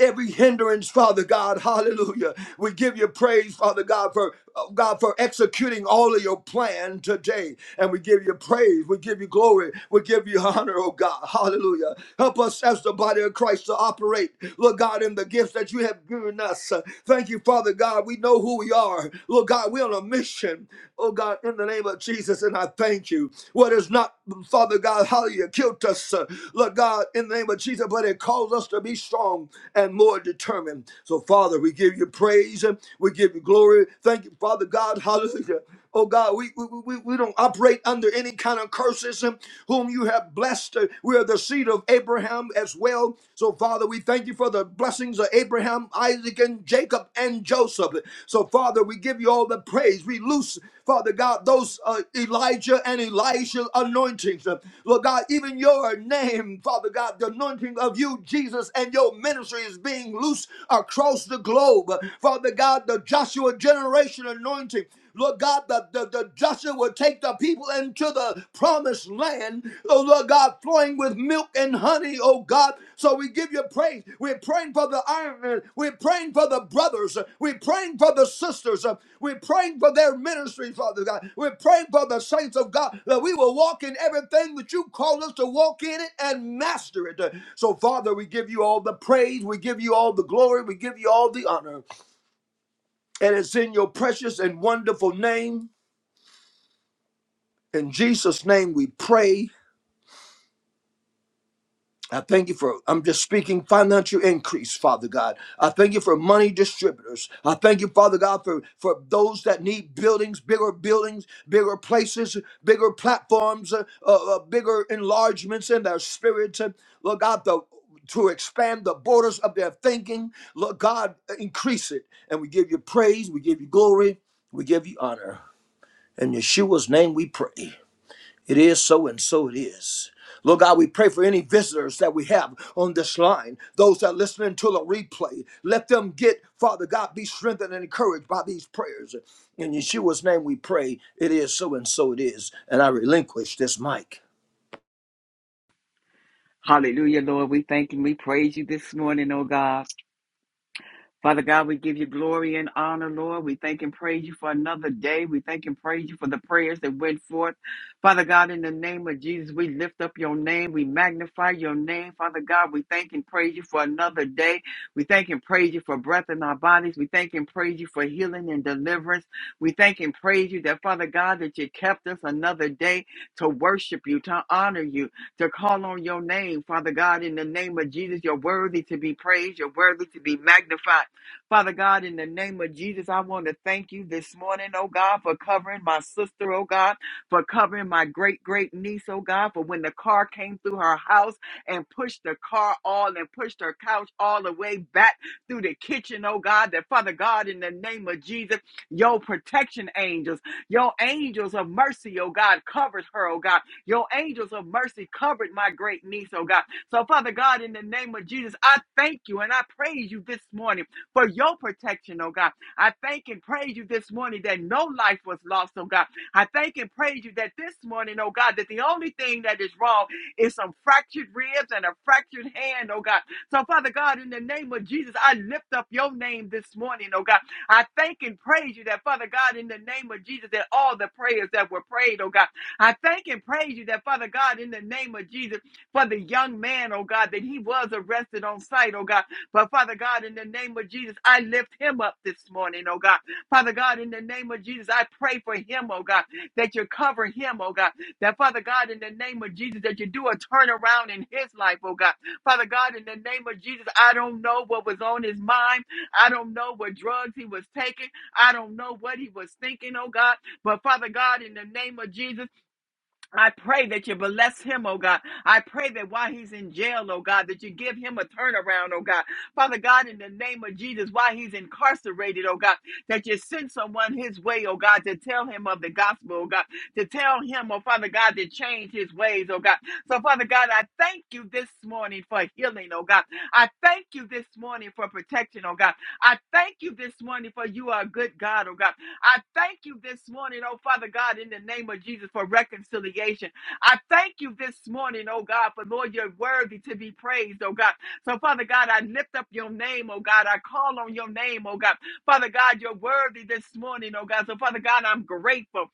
every hindrance, Father God, hallelujah. We give you praise, Father God, for uh, God for executing all of your plan today. And we give you praise, we give you glory, we give you honor, oh God, hallelujah. Help us as the body of Christ to operate, Lord God, in the gifts that you have given us. Uh, Thank you, Father God. We know who we are. Lord God, we're on a mission, oh God, in the name of Jesus. And I thank thank you. What is not, Father God, hallelujah, killed us, uh, Lord God, in the name of Jesus, but it calls us to be strong and more determined. So, Father, we give you praise. and We give you glory. Thank you, Father God, hallelujah. Oh God, we, we, we, we don't operate under any kind of curses um, whom you have blessed. Uh, We are the seed of Abraham as well. So, Father, we thank you for the blessings of Abraham Abraham, Isaac, and Jacob, and Joseph. So, Father, we give you all the praise. We loose, Father God, those uh, Elijah and Elisha anointings. Uh, Lord God, even your name, Father God, the anointing of you, Jesus, and your ministry is being loose across the globe. Uh, Father God, the Joshua generation anointing. Lord God, the, the, the Joshua will take the people into the promised land, oh Lord God, flowing with milk and honey, oh God. So we give you praise. We're praying for the iron, men. we're praying for the brothers, we're praying for the sisters, we're praying for their ministry, Father God. We're praying for the saints of God that we will walk in everything that you call us to walk in it and master it. So, Father, we give you all the praise, we give you all the glory, we give you all the honor. And it's in your precious and wonderful name. In Jesus' name we pray. I thank you for, I'm just speaking financial increase, Father God. I thank you for money distributors. I thank you, Father God, for, for those that need buildings, bigger buildings, bigger places, bigger platforms, uh, uh, uh, bigger enlargements in their spirits. Uh, Lord God, the, to expand the borders of their thinking. Lord God, increase it. And we give you praise, we give you glory, we give you honor. In Yeshua's name we pray. It is so, and so it is. Lord God, we pray for any visitors that we have on this line, those that are listening to the replay. Let them get, Father God, be strengthened and encouraged by these prayers. In Yeshua's name we pray, it is so, and so it is. And I relinquish this mic. Hallelujah, Lord. We thank and we praise you this morning, oh God. Father God, we give you glory and honor, Lord. We thank and praise you for another day. We thank and praise you for the prayers that went forth. Father God, in the name of Jesus, we lift up your name. We magnify your name. Father God, we thank and praise you for another day. We thank and praise you for breath in our bodies. We thank and praise you for healing and deliverance. We thank and praise you that, Father God, that you kept us another day to worship you, to honor you, to call on your name. Father God, in the name of Jesus, you're worthy to be praised. You're worthy to be magnified. Father God, in the name of Jesus, I want to thank you this morning, oh God, for covering my sister, oh God, for covering my great great niece, oh God, for when the car came through her house and pushed the car all and pushed her couch all the way back through the kitchen, oh God, that Father God, in the name of Jesus, your protection angels, your angels of mercy, oh God, covered her, oh God. Your angels of mercy covered my great niece, oh God. So, Father God, in the name of Jesus, I thank you and I praise you this morning for your protection, oh God. I thank and praise you this morning that no life was lost, oh God. I thank and praise you that this morning, oh God, that the only thing that is wrong is some fractured ribs and a fractured hand, oh God. So, Father God, in the name of Jesus, I lift up your name this morning, oh God. I thank and praise you that, Father God, in the name of Jesus, that all the prayers that were prayed, oh God. I thank and praise you that, Father God, in the name of Jesus, for the young man, oh God, that he was arrested on sight, oh God. But Father God, in the name of Jesus, I lift him up this morning, oh God. Father God, in the name of Jesus, I pray for him, oh God, that you cover him, oh God. That Father God, in the name of Jesus, that you do a turnaround in his life, oh God. Father God, in the name of Jesus, I don't know what was on his mind. I don't know what drugs he was taking. I don't know what he was thinking, oh God. But Father God, in the name of Jesus, I pray that you bless him, oh God. I pray that while he's in jail, oh God, that you give him a turnaround, oh God. Father God, in the name of Jesus, while he's incarcerated, oh God, that you send someone his way, oh God, to tell him of the gospel, oh God, to tell him, oh Father God, to change his ways, oh God. So, Father God, I thank you this morning for healing, oh God. I thank you this morning for protection, oh God. I thank you this morning for you are a good God, oh God. I thank you this morning, oh Father God, in the name of Jesus for reconciliation. I thank you this morning, oh God, for Lord, you're worthy to be praised, oh God. So, Father God, I lift up your name, oh God. I call on your name, oh God. Father God, you're worthy this morning, oh God. So, Father God, I'm grateful.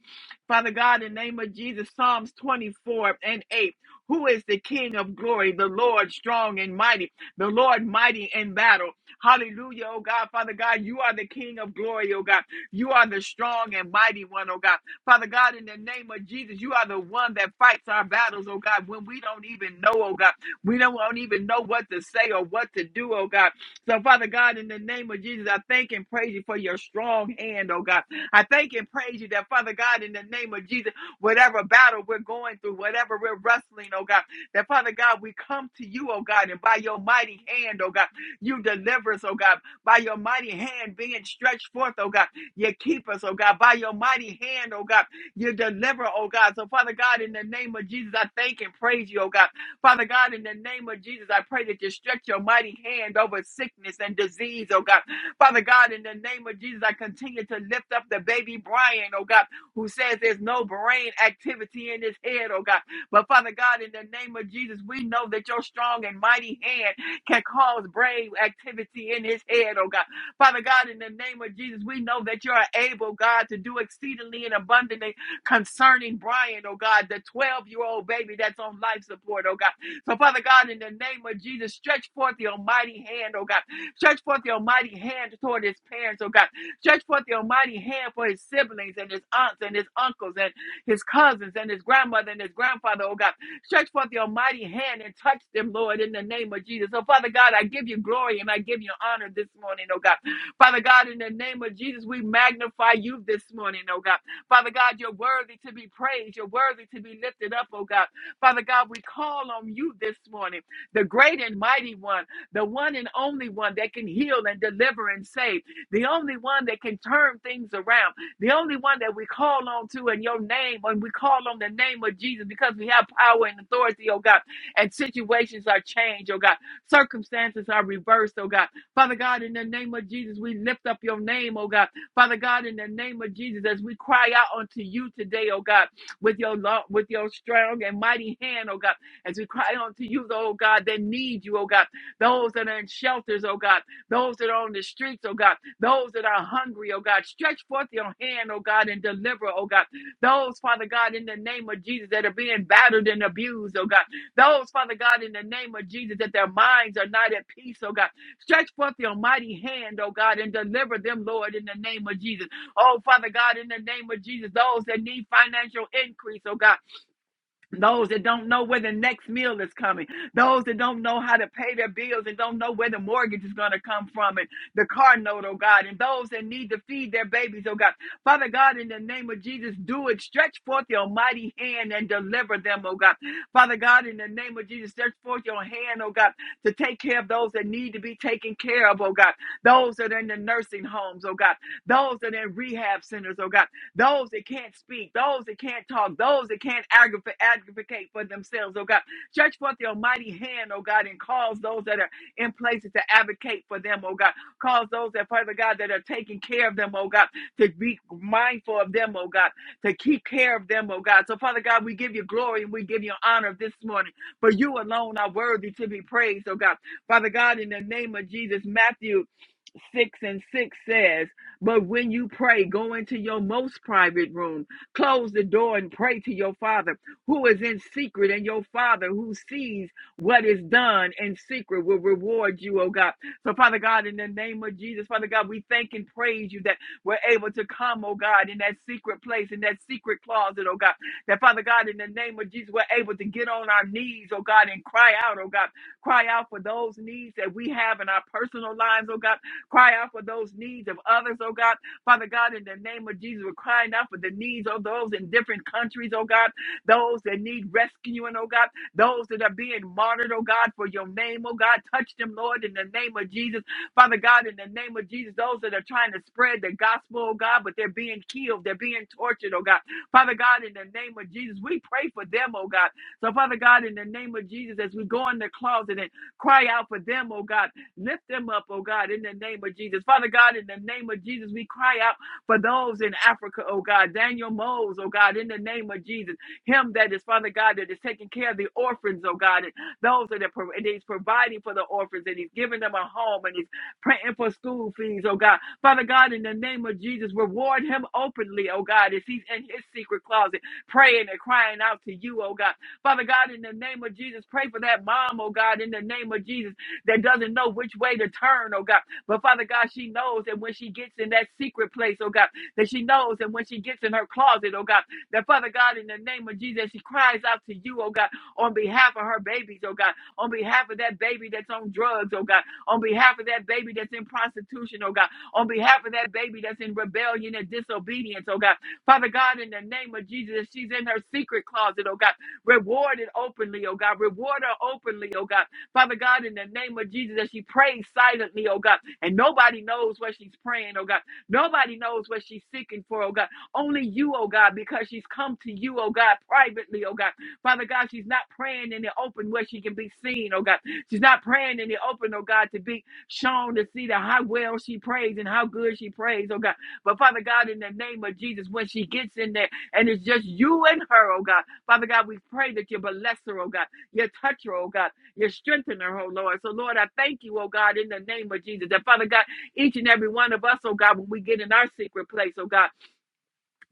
Father God, in the name of Jesus, Psalms 24 and 8. Who is the King of glory? The Lord strong and mighty, the Lord mighty in battle. Hallelujah, oh God. Father God, you are the King of glory, oh God. You are the strong and mighty one, oh God. Father God, in the name of Jesus, you are the one that fights our battles, oh God, when we don't even know, oh God. We don't, don't even know what to say or what to do, oh God. So, Father God, in the name of Jesus, I thank and praise you for your strong hand, oh God. I thank and praise you that, Father God, in the name of Jesus, whatever battle we're going through, whatever we're wrestling, oh God, that, Father God, we come to you, oh God, and by your mighty hand, oh God, you deliver us, oh God, by your mighty hand being stretched forth, oh God. You keep us, oh God, by your mighty hand, oh God. You deliver, oh God. So, Father God, in the name of Jesus, I thank and praise you, oh God. Father God, in the name of Jesus, I pray that you stretch your mighty hand over sickness and disease, oh God. Father God, in the name of Jesus, I continue to lift up the baby Brian, oh God, who says there's no brain activity in his head, oh God. But Father God, in the name of Jesus, we know that your strong and mighty hand can cause brain activity in his head, oh God. Father God, in the name of Jesus, we know that you are able, God, to do exceedingly and abundantly concerning Brian, oh God, the 12 year old baby that's on life support, oh God. So, Father God, in the name of Jesus, stretch forth the almighty hand, oh God. Stretch forth the almighty hand toward his parents, oh God. Stretch forth the almighty hand for his siblings and his aunts and his uncles and his cousins and his grandmother and his grandfather, oh God. Stretch forth the almighty hand and touch them, Lord, in the name of Jesus. So, Father God, I give you glory and I give you honor this morning, oh God. Father God, in the name of Jesus, we magnify you this morning, oh God. Father God, you're worthy to be praised. You're worthy to be lifted up, oh God. Father God, we call on you this morning, the great and mighty one, the one and only one that can heal and deliver and save, the only one that can turn things around, the only one that we call on to in your name, and we call on the name of Jesus because we have power and authority, oh God, and situations are changed, oh God. Circumstances are reversed, oh God. Father God, in the name of Jesus, we lift up your name, oh God. Father God, in the name of Jesus, as we cry out unto you today, oh God, with your lo- with your strong and mighty hand, oh God, as we cry unto you, oh God, that need you, oh God, those that are in shelters, oh God, those that are on the streets, oh God, those that are hungry, oh God, stretch forth your hand, oh God, and deliver, oh God, those, Father God, in the name of Jesus, that are being battered and abused, oh God, those, Father God, in the name of Jesus, that their minds are not at peace, oh God. Stretch forth your mighty hand, oh God, and deliver them, Lord, in the name of Jesus. Oh, Father God, in the name of Jesus, those that need financial increase, oh God. Those that don't know where the next meal is coming. Those that don't know how to pay their bills and don't know where the mortgage is going to come from and the car note, oh God. And those that need to feed their babies, oh God. Father God, in the name of Jesus, do it. Stretch forth your mighty hand and deliver them, oh God. Father God, in the name of Jesus, stretch forth your hand, oh God, to take care of those that need to be taken care of, oh God. Those that are in the nursing homes, oh God. Those that are in rehab centers, oh God those that can't speak, those that can't talk, those that can't advocate, advocate for themselves, oh God. Stretch forth your mighty hand, oh God, and cause those that are in places to advocate for them, oh God. Cause those that, Father God, that are taking care of them, oh God, to be mindful of them, oh God, to keep care of them, oh God. So, Father God, we give you glory and we give you honor this morning. For you alone are worthy to be praised, oh God. Father God, in the name of Jesus, Matthew 6 and 6 says, But when you pray, go into your most private room, close the door, and pray to your Father who is in secret, and your Father who sees what is done in secret will reward you, oh God. So, Father God, in the name of Jesus, Father God, we thank and praise you that we're able to come, oh God, in that secret place, in that secret closet, oh God. That, Father God, in the name of Jesus, we're able to get on our knees, oh God, and cry out, oh God. Cry out for those needs that we have in our personal lives, oh God Cry out for those needs of others, oh God. Father God, in the name of Jesus, we're crying out for the needs of those in different countries, oh God. Those that need rescuing, oh God. Those that are being martyred, oh God, for your name, oh God. Touch them, Lord, in the name of Jesus. Father God, in the name of Jesus, those that are trying to spread the gospel, oh God, but they're being killed, they're being tortured, oh God. Father God, in the name of Jesus, we pray for them, oh God. So, Father God, in the name of Jesus, as we go in the closet and cry out for them, oh God. Lift them up, oh God, in the name of Jesus. Father God, in the name of Jesus, we cry out for those in Africa, oh God. Daniel Mose, oh God, in the name of Jesus. Him that is, Father God, that is taking care of the orphans, oh God, and those that are, pro- and he's providing for the orphans, and he's giving them a home, and he's praying for school fees, oh God. Father God, in the name of Jesus, reward him openly, oh God, as he's in his secret closet, praying and crying out to you, oh God. Father God, in the name of Jesus, pray for that mom, oh God, in the name of Jesus that doesn't know which way to turn, oh God. But Father God, she knows that when she gets in that secret place, oh God, that she knows that when she gets in her closet, oh God, that Father God, in the name of Jesus, she cries out to you, oh God, on behalf of her babies, oh God, on behalf of that baby that's on drugs, oh God, on behalf of that baby that's in prostitution, oh God, on behalf of that baby that's in rebellion and disobedience, oh God. Father God, in the name of Jesus, she's in her secret closet, oh God. Reward it openly, oh God. Reward her openly, oh God. Father God, in the name of Jesus, as she prays silently, oh God, and nobody knows what she's praying, oh God. Nobody knows what she's seeking for, oh God. Only you, oh God, because she's come to you, oh God, privately, oh God. Father God, she's not praying in the open where she can be seen, oh God. She's not praying in the open, oh God, to be shown to see that how well she prays and how good she prays, oh God. But Father God, in the name of Jesus, when she gets in there and it's just you and her, oh God, Father God, we pray that you bless her, oh God. You touch her, oh God. You're strengthening her, oh Lord. So, Lord, I thank you, oh God, in the name of Jesus. And Father God, each and every one of us, oh God, when we get in our secret place, oh God.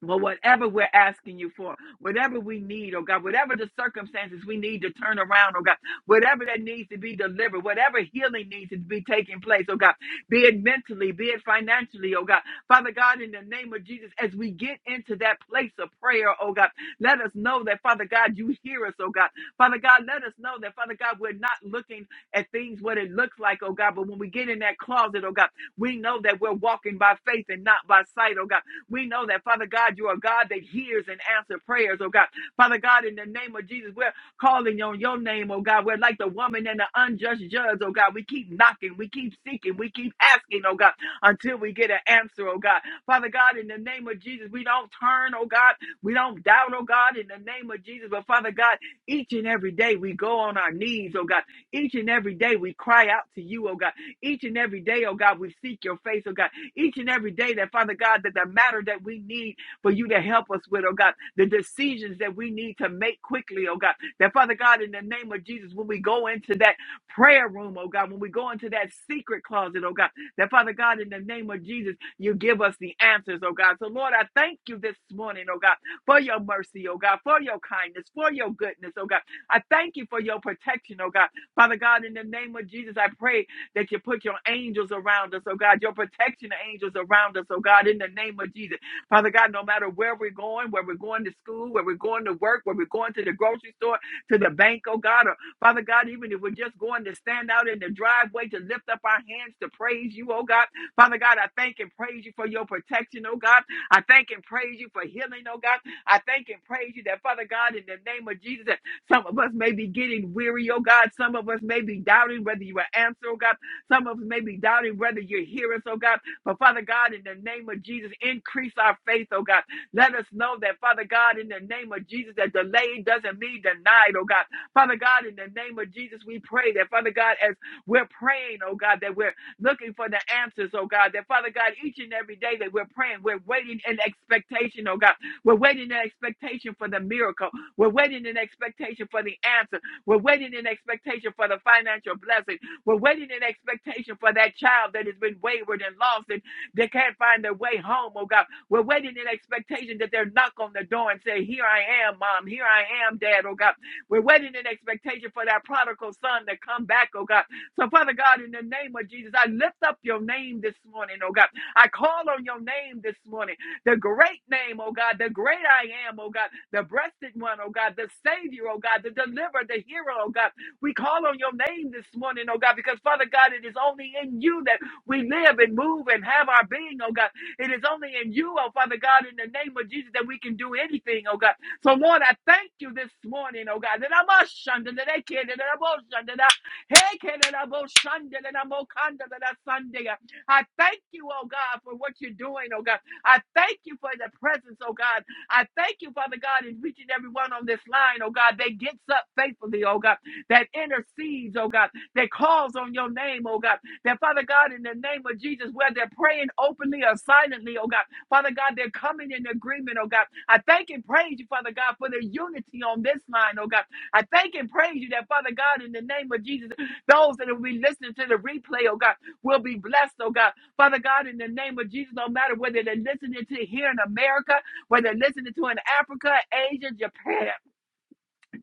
Well, whatever we're asking you for, whatever we need, oh God, whatever the circumstances we need to turn around, oh God, whatever that needs to be delivered, whatever healing needs to be taking place, oh God, be it mentally, be it financially, oh God. Father God, in the name of Jesus, as we get into that place of prayer, oh God, let us know that, Father God, you hear us, oh God. Father God, let us know that, Father God, we're not looking at things what it looks like, oh God, but when we get in that closet, oh God, we know that we're walking by faith and not by sight, oh God. We know that, Father God, you are God that hears and answers prayers, oh God. Father God, in the name of Jesus, we're calling on your name, oh God. We're like the woman and the unjust judge, oh God. We keep knocking, we keep seeking, we keep asking, oh God, until we get an answer, oh God. Father God, in the name of Jesus, we don't turn, oh God. We don't doubt, oh God, in the name of Jesus. But Father God, each and every day we go on our knees, oh God. Each and every day we cry out to you, oh God. Each and every day, oh God, we seek your face, oh God each and every day that, Father God, that the matter that we need for you to help us with, oh God, the decisions that we need to make quickly, oh God, that, Father God, in the name of Jesus, when we go into that prayer room, oh God, when we go into that secret closet, oh God, that, Father God, in the name of Jesus, you give us the answers, oh God. So, Lord, I thank you this morning, oh God, for your mercy, oh God, for your kindness, for your goodness, oh God. I thank you for your protection, oh God. Father God, in the name of Jesus, I pray that you put your angels around us, oh God, your protection angels around us, oh God, in the name of Jesus. Father God, no matter where we're going, where we're going to school, where we're going to work, where we're going to the grocery store, to the bank, oh God, or Father God, even if we're just going to stand out in the driveway to lift up our hands to praise you, oh God, Father God, I thank and praise you for your protection, oh God. I thank and praise you for healing, oh God. I thank and praise you that, Father God, in the name of Jesus, that some of us may be getting weary, oh God. Some of us may be doubting whether you will answer, oh God. Some of us may be doubting whether you hear us, oh God. But Father God, in the name of Jesus, increase our faith, oh God. Let us know that, Father God, in the name of Jesus, that delay doesn't mean denied, oh God. Father God, in the name of Jesus, we pray that, Father God, as we're praying, oh God, that we're looking for the answers, oh God, that, Father God, each and every day that we're praying, we're waiting in expectation, oh God. We're waiting in expectation for the miracle. We're waiting in expectation for the answer. We're waiting in expectation for the financial blessing. We're waiting in expectation for that child that has been wayward and lost and they can't find their way home, oh God. We're waiting in expectation that they'll knock on the door and say, Here I am, mom. Here I am, dad, oh God. We're waiting in expectation for that prodigal son to come back, oh God. So, Father God, in the name of Jesus, I lift up your name this morning, oh God. I call on your name this morning, the great name, oh God, the great I am, oh God, the breasted one, oh God, the Savior, oh God, the deliverer, the hero, oh God. We call on your name this morning, oh God, because Father God, it is only in you that we live and move and have our being, oh God. It is only in you, oh Father God, in the name of Jesus that we can do anything, oh God. So Lord, I thank you this morning, oh God. That I'm a shunda, that I can, that I'm a shunda, that I hey, can, that I'm a shunda, that I'm a kanda, that I Sunday. I thank you, oh God, for what you're doing, oh God. I thank you for the presence, oh God. I thank you, Father God, in reaching everyone on this line, oh God. They gets up faithfully, oh God that intercedes, oh God, that calls on your name, oh God. That Father God, in the name of Jesus, where they're praying openly or silently, oh God. Father God, they're coming in agreement, oh God. I thank and praise you, Father God, for the unity on this line, oh God. I thank and praise you that, Father God, in the name of Jesus, those that will be listening to the replay, oh God, will be blessed, oh God. Father God, in the name of Jesus, no matter whether they're listening to here in America, whether they're listening to in Africa, Asia, Japan.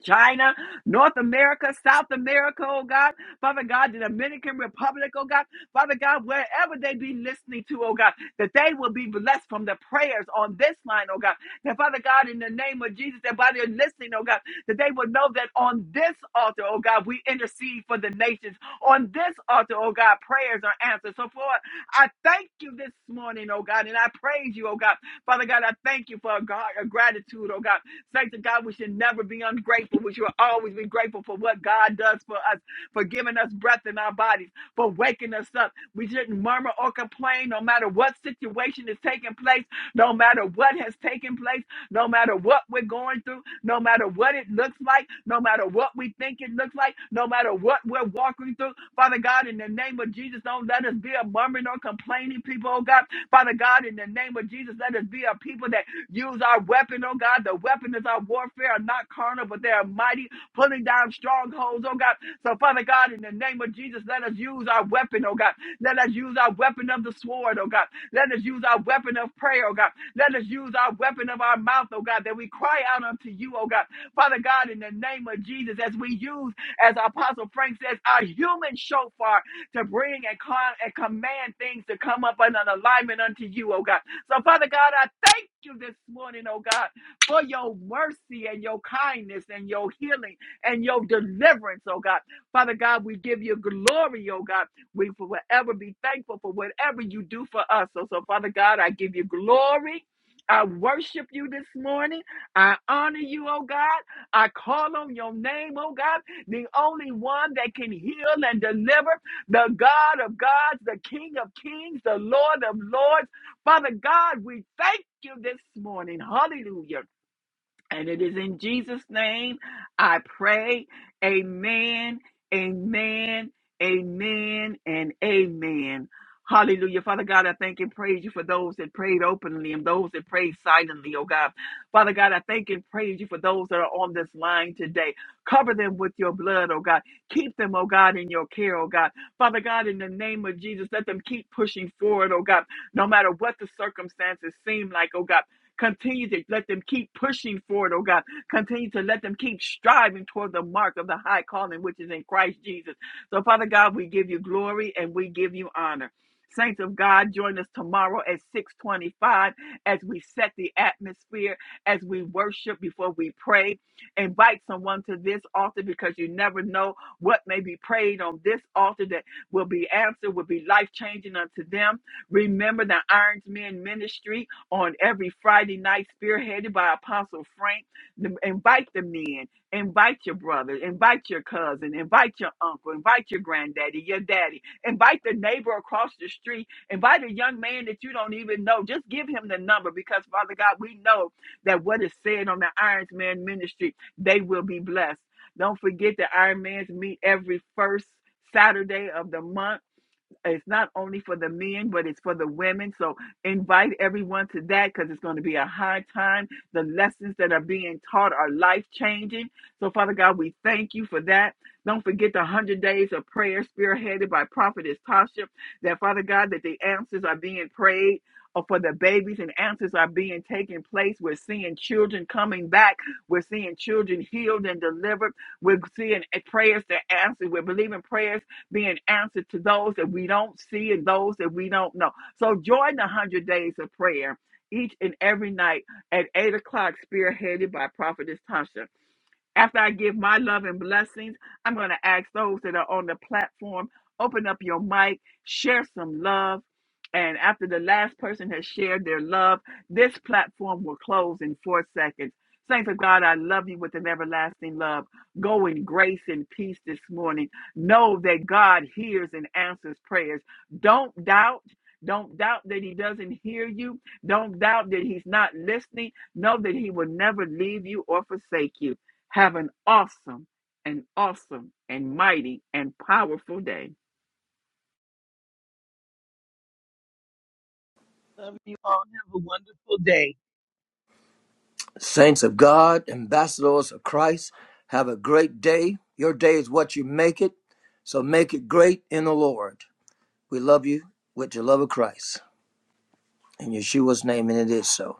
China, North America, South America, oh God. Father God, the Dominican Republic, oh God. Father God, wherever they be listening to, oh God, that they will be blessed from the prayers on this line, oh God. That Father God, in the name of Jesus, that by their listening, oh God, that they will know that on this altar, oh God, we intercede for the nations. On this altar, oh God, prayers are answered. So, Lord, I thank you this morning, oh God, and I praise you, oh God. Father God, I thank you for a, God, a gratitude, oh God. Saints of God, we should never be ungrateful. We should always be grateful for what God does for us, for giving us breath in our bodies, for waking us up. We shouldn't murmur or complain no matter what situation is taking place, no matter what has taken place, no matter what we're going through, no matter what it looks like, no matter what we think it looks like, no matter what we're walking through. Father God, in the name of Jesus, don't let us be a murmuring or complaining people, oh God. Father God, in the name of Jesus, let us be a people that Use our weapon, oh God. The weapon is our warfare are not carnal, but they are mighty, pulling down strongholds, oh God. So, Father God, in the name of Jesus, let us use our weapon, oh God. Let us use our weapon of the sword, oh God. Let us use our weapon of prayer, oh God. Let us use our weapon of our mouth, oh God, that we cry out unto you, oh God. Father God, in the name of Jesus, as we use, as Apostle Frank says, our human shofar to bring and, con- and command things to come up in an alignment unto you, oh God. So, Father God, I thank you this morning, oh God, for your mercy and your kindness and your healing and your deliverance, oh God. Father God, we give you glory, oh God. We will forever be thankful for whatever you do for us. So, so Father God, I give you glory. I worship you this morning. I honor you, oh God. I call on your name, oh God, the only one that can heal and deliver, the God of gods, the King of kings, the Lord of lords. Father God, we thank you this morning. Hallelujah. And it is in Jesus' name I pray. Amen, amen, amen, and amen. Hallelujah. Father God, I thank and praise you for those that prayed openly and those that prayed silently, oh God. Father God, I thank and praise you for those that are on this line today. Cover them with your blood, oh God. Keep them, oh God, in your care, oh God. Father God, in the name of Jesus, let them keep pushing forward, oh God, no matter what the circumstances seem like, oh God. Continue to let them keep pushing forward, oh God. Continue to let them keep striving toward the mark of the high calling which is in Christ Jesus. So, Father God, we give you glory and we give you honor. Saints of God, join us tomorrow at 625 as we set the atmosphere, as we worship before we pray. Invite someone to this altar because you never know what may be prayed on this altar that will be answered, will be life changing unto them. Remember the Irons Men Ministry on every Friday night, spearheaded by Apostle Frank. The- Invite the men, invite your brother, invite your cousin, invite your uncle, invite your granddaddy, your daddy, invite the neighbor across the street, invite a young man that you don't even know. Just give him the number because, Father God, we know that what is said on the Irons Man ministry, they will be blessed. Don't forget that Iron Man's meet every first Saturday of the month it's not only for the men, but it's for the women. So invite everyone to that because it's going to be a hard time. The lessons that are being taught are life changing. So, Father God, we thank you for that. Don't forget the 100 days of prayer spearheaded by Prophetess Tasha. That, Father God, that the answers are being prayed or for the babies and answers are being taking place. We're seeing children coming back. We're seeing children healed and delivered. We're seeing eh, prayers that answer. We're believing prayers being answered to those that we don't see and those that we don't know. So join the 100 days of prayer each and every night at 8 o'clock, spearheaded by Prophetess Tasha. After I give my love and blessings, I'm going to ask those that are on the platform, open up your mic, share some love. And after the last person has shared their love, this platform will close in four seconds. Saints of God, I love you with an everlasting love. Go in grace and peace this morning. Know that God hears and answers prayers. Don't doubt. Don't doubt that He doesn't hear you. Don't doubt that He's not listening. Know that He will never leave you or forsake you. Have an awesome and awesome and mighty and powerful day. Love you all. Have a wonderful day. Saints of God, ambassadors of Christ, have a great day. Your day is what you make it, so make it great in the Lord. We love you with the love of Christ. In Yeshua's name, and it is so.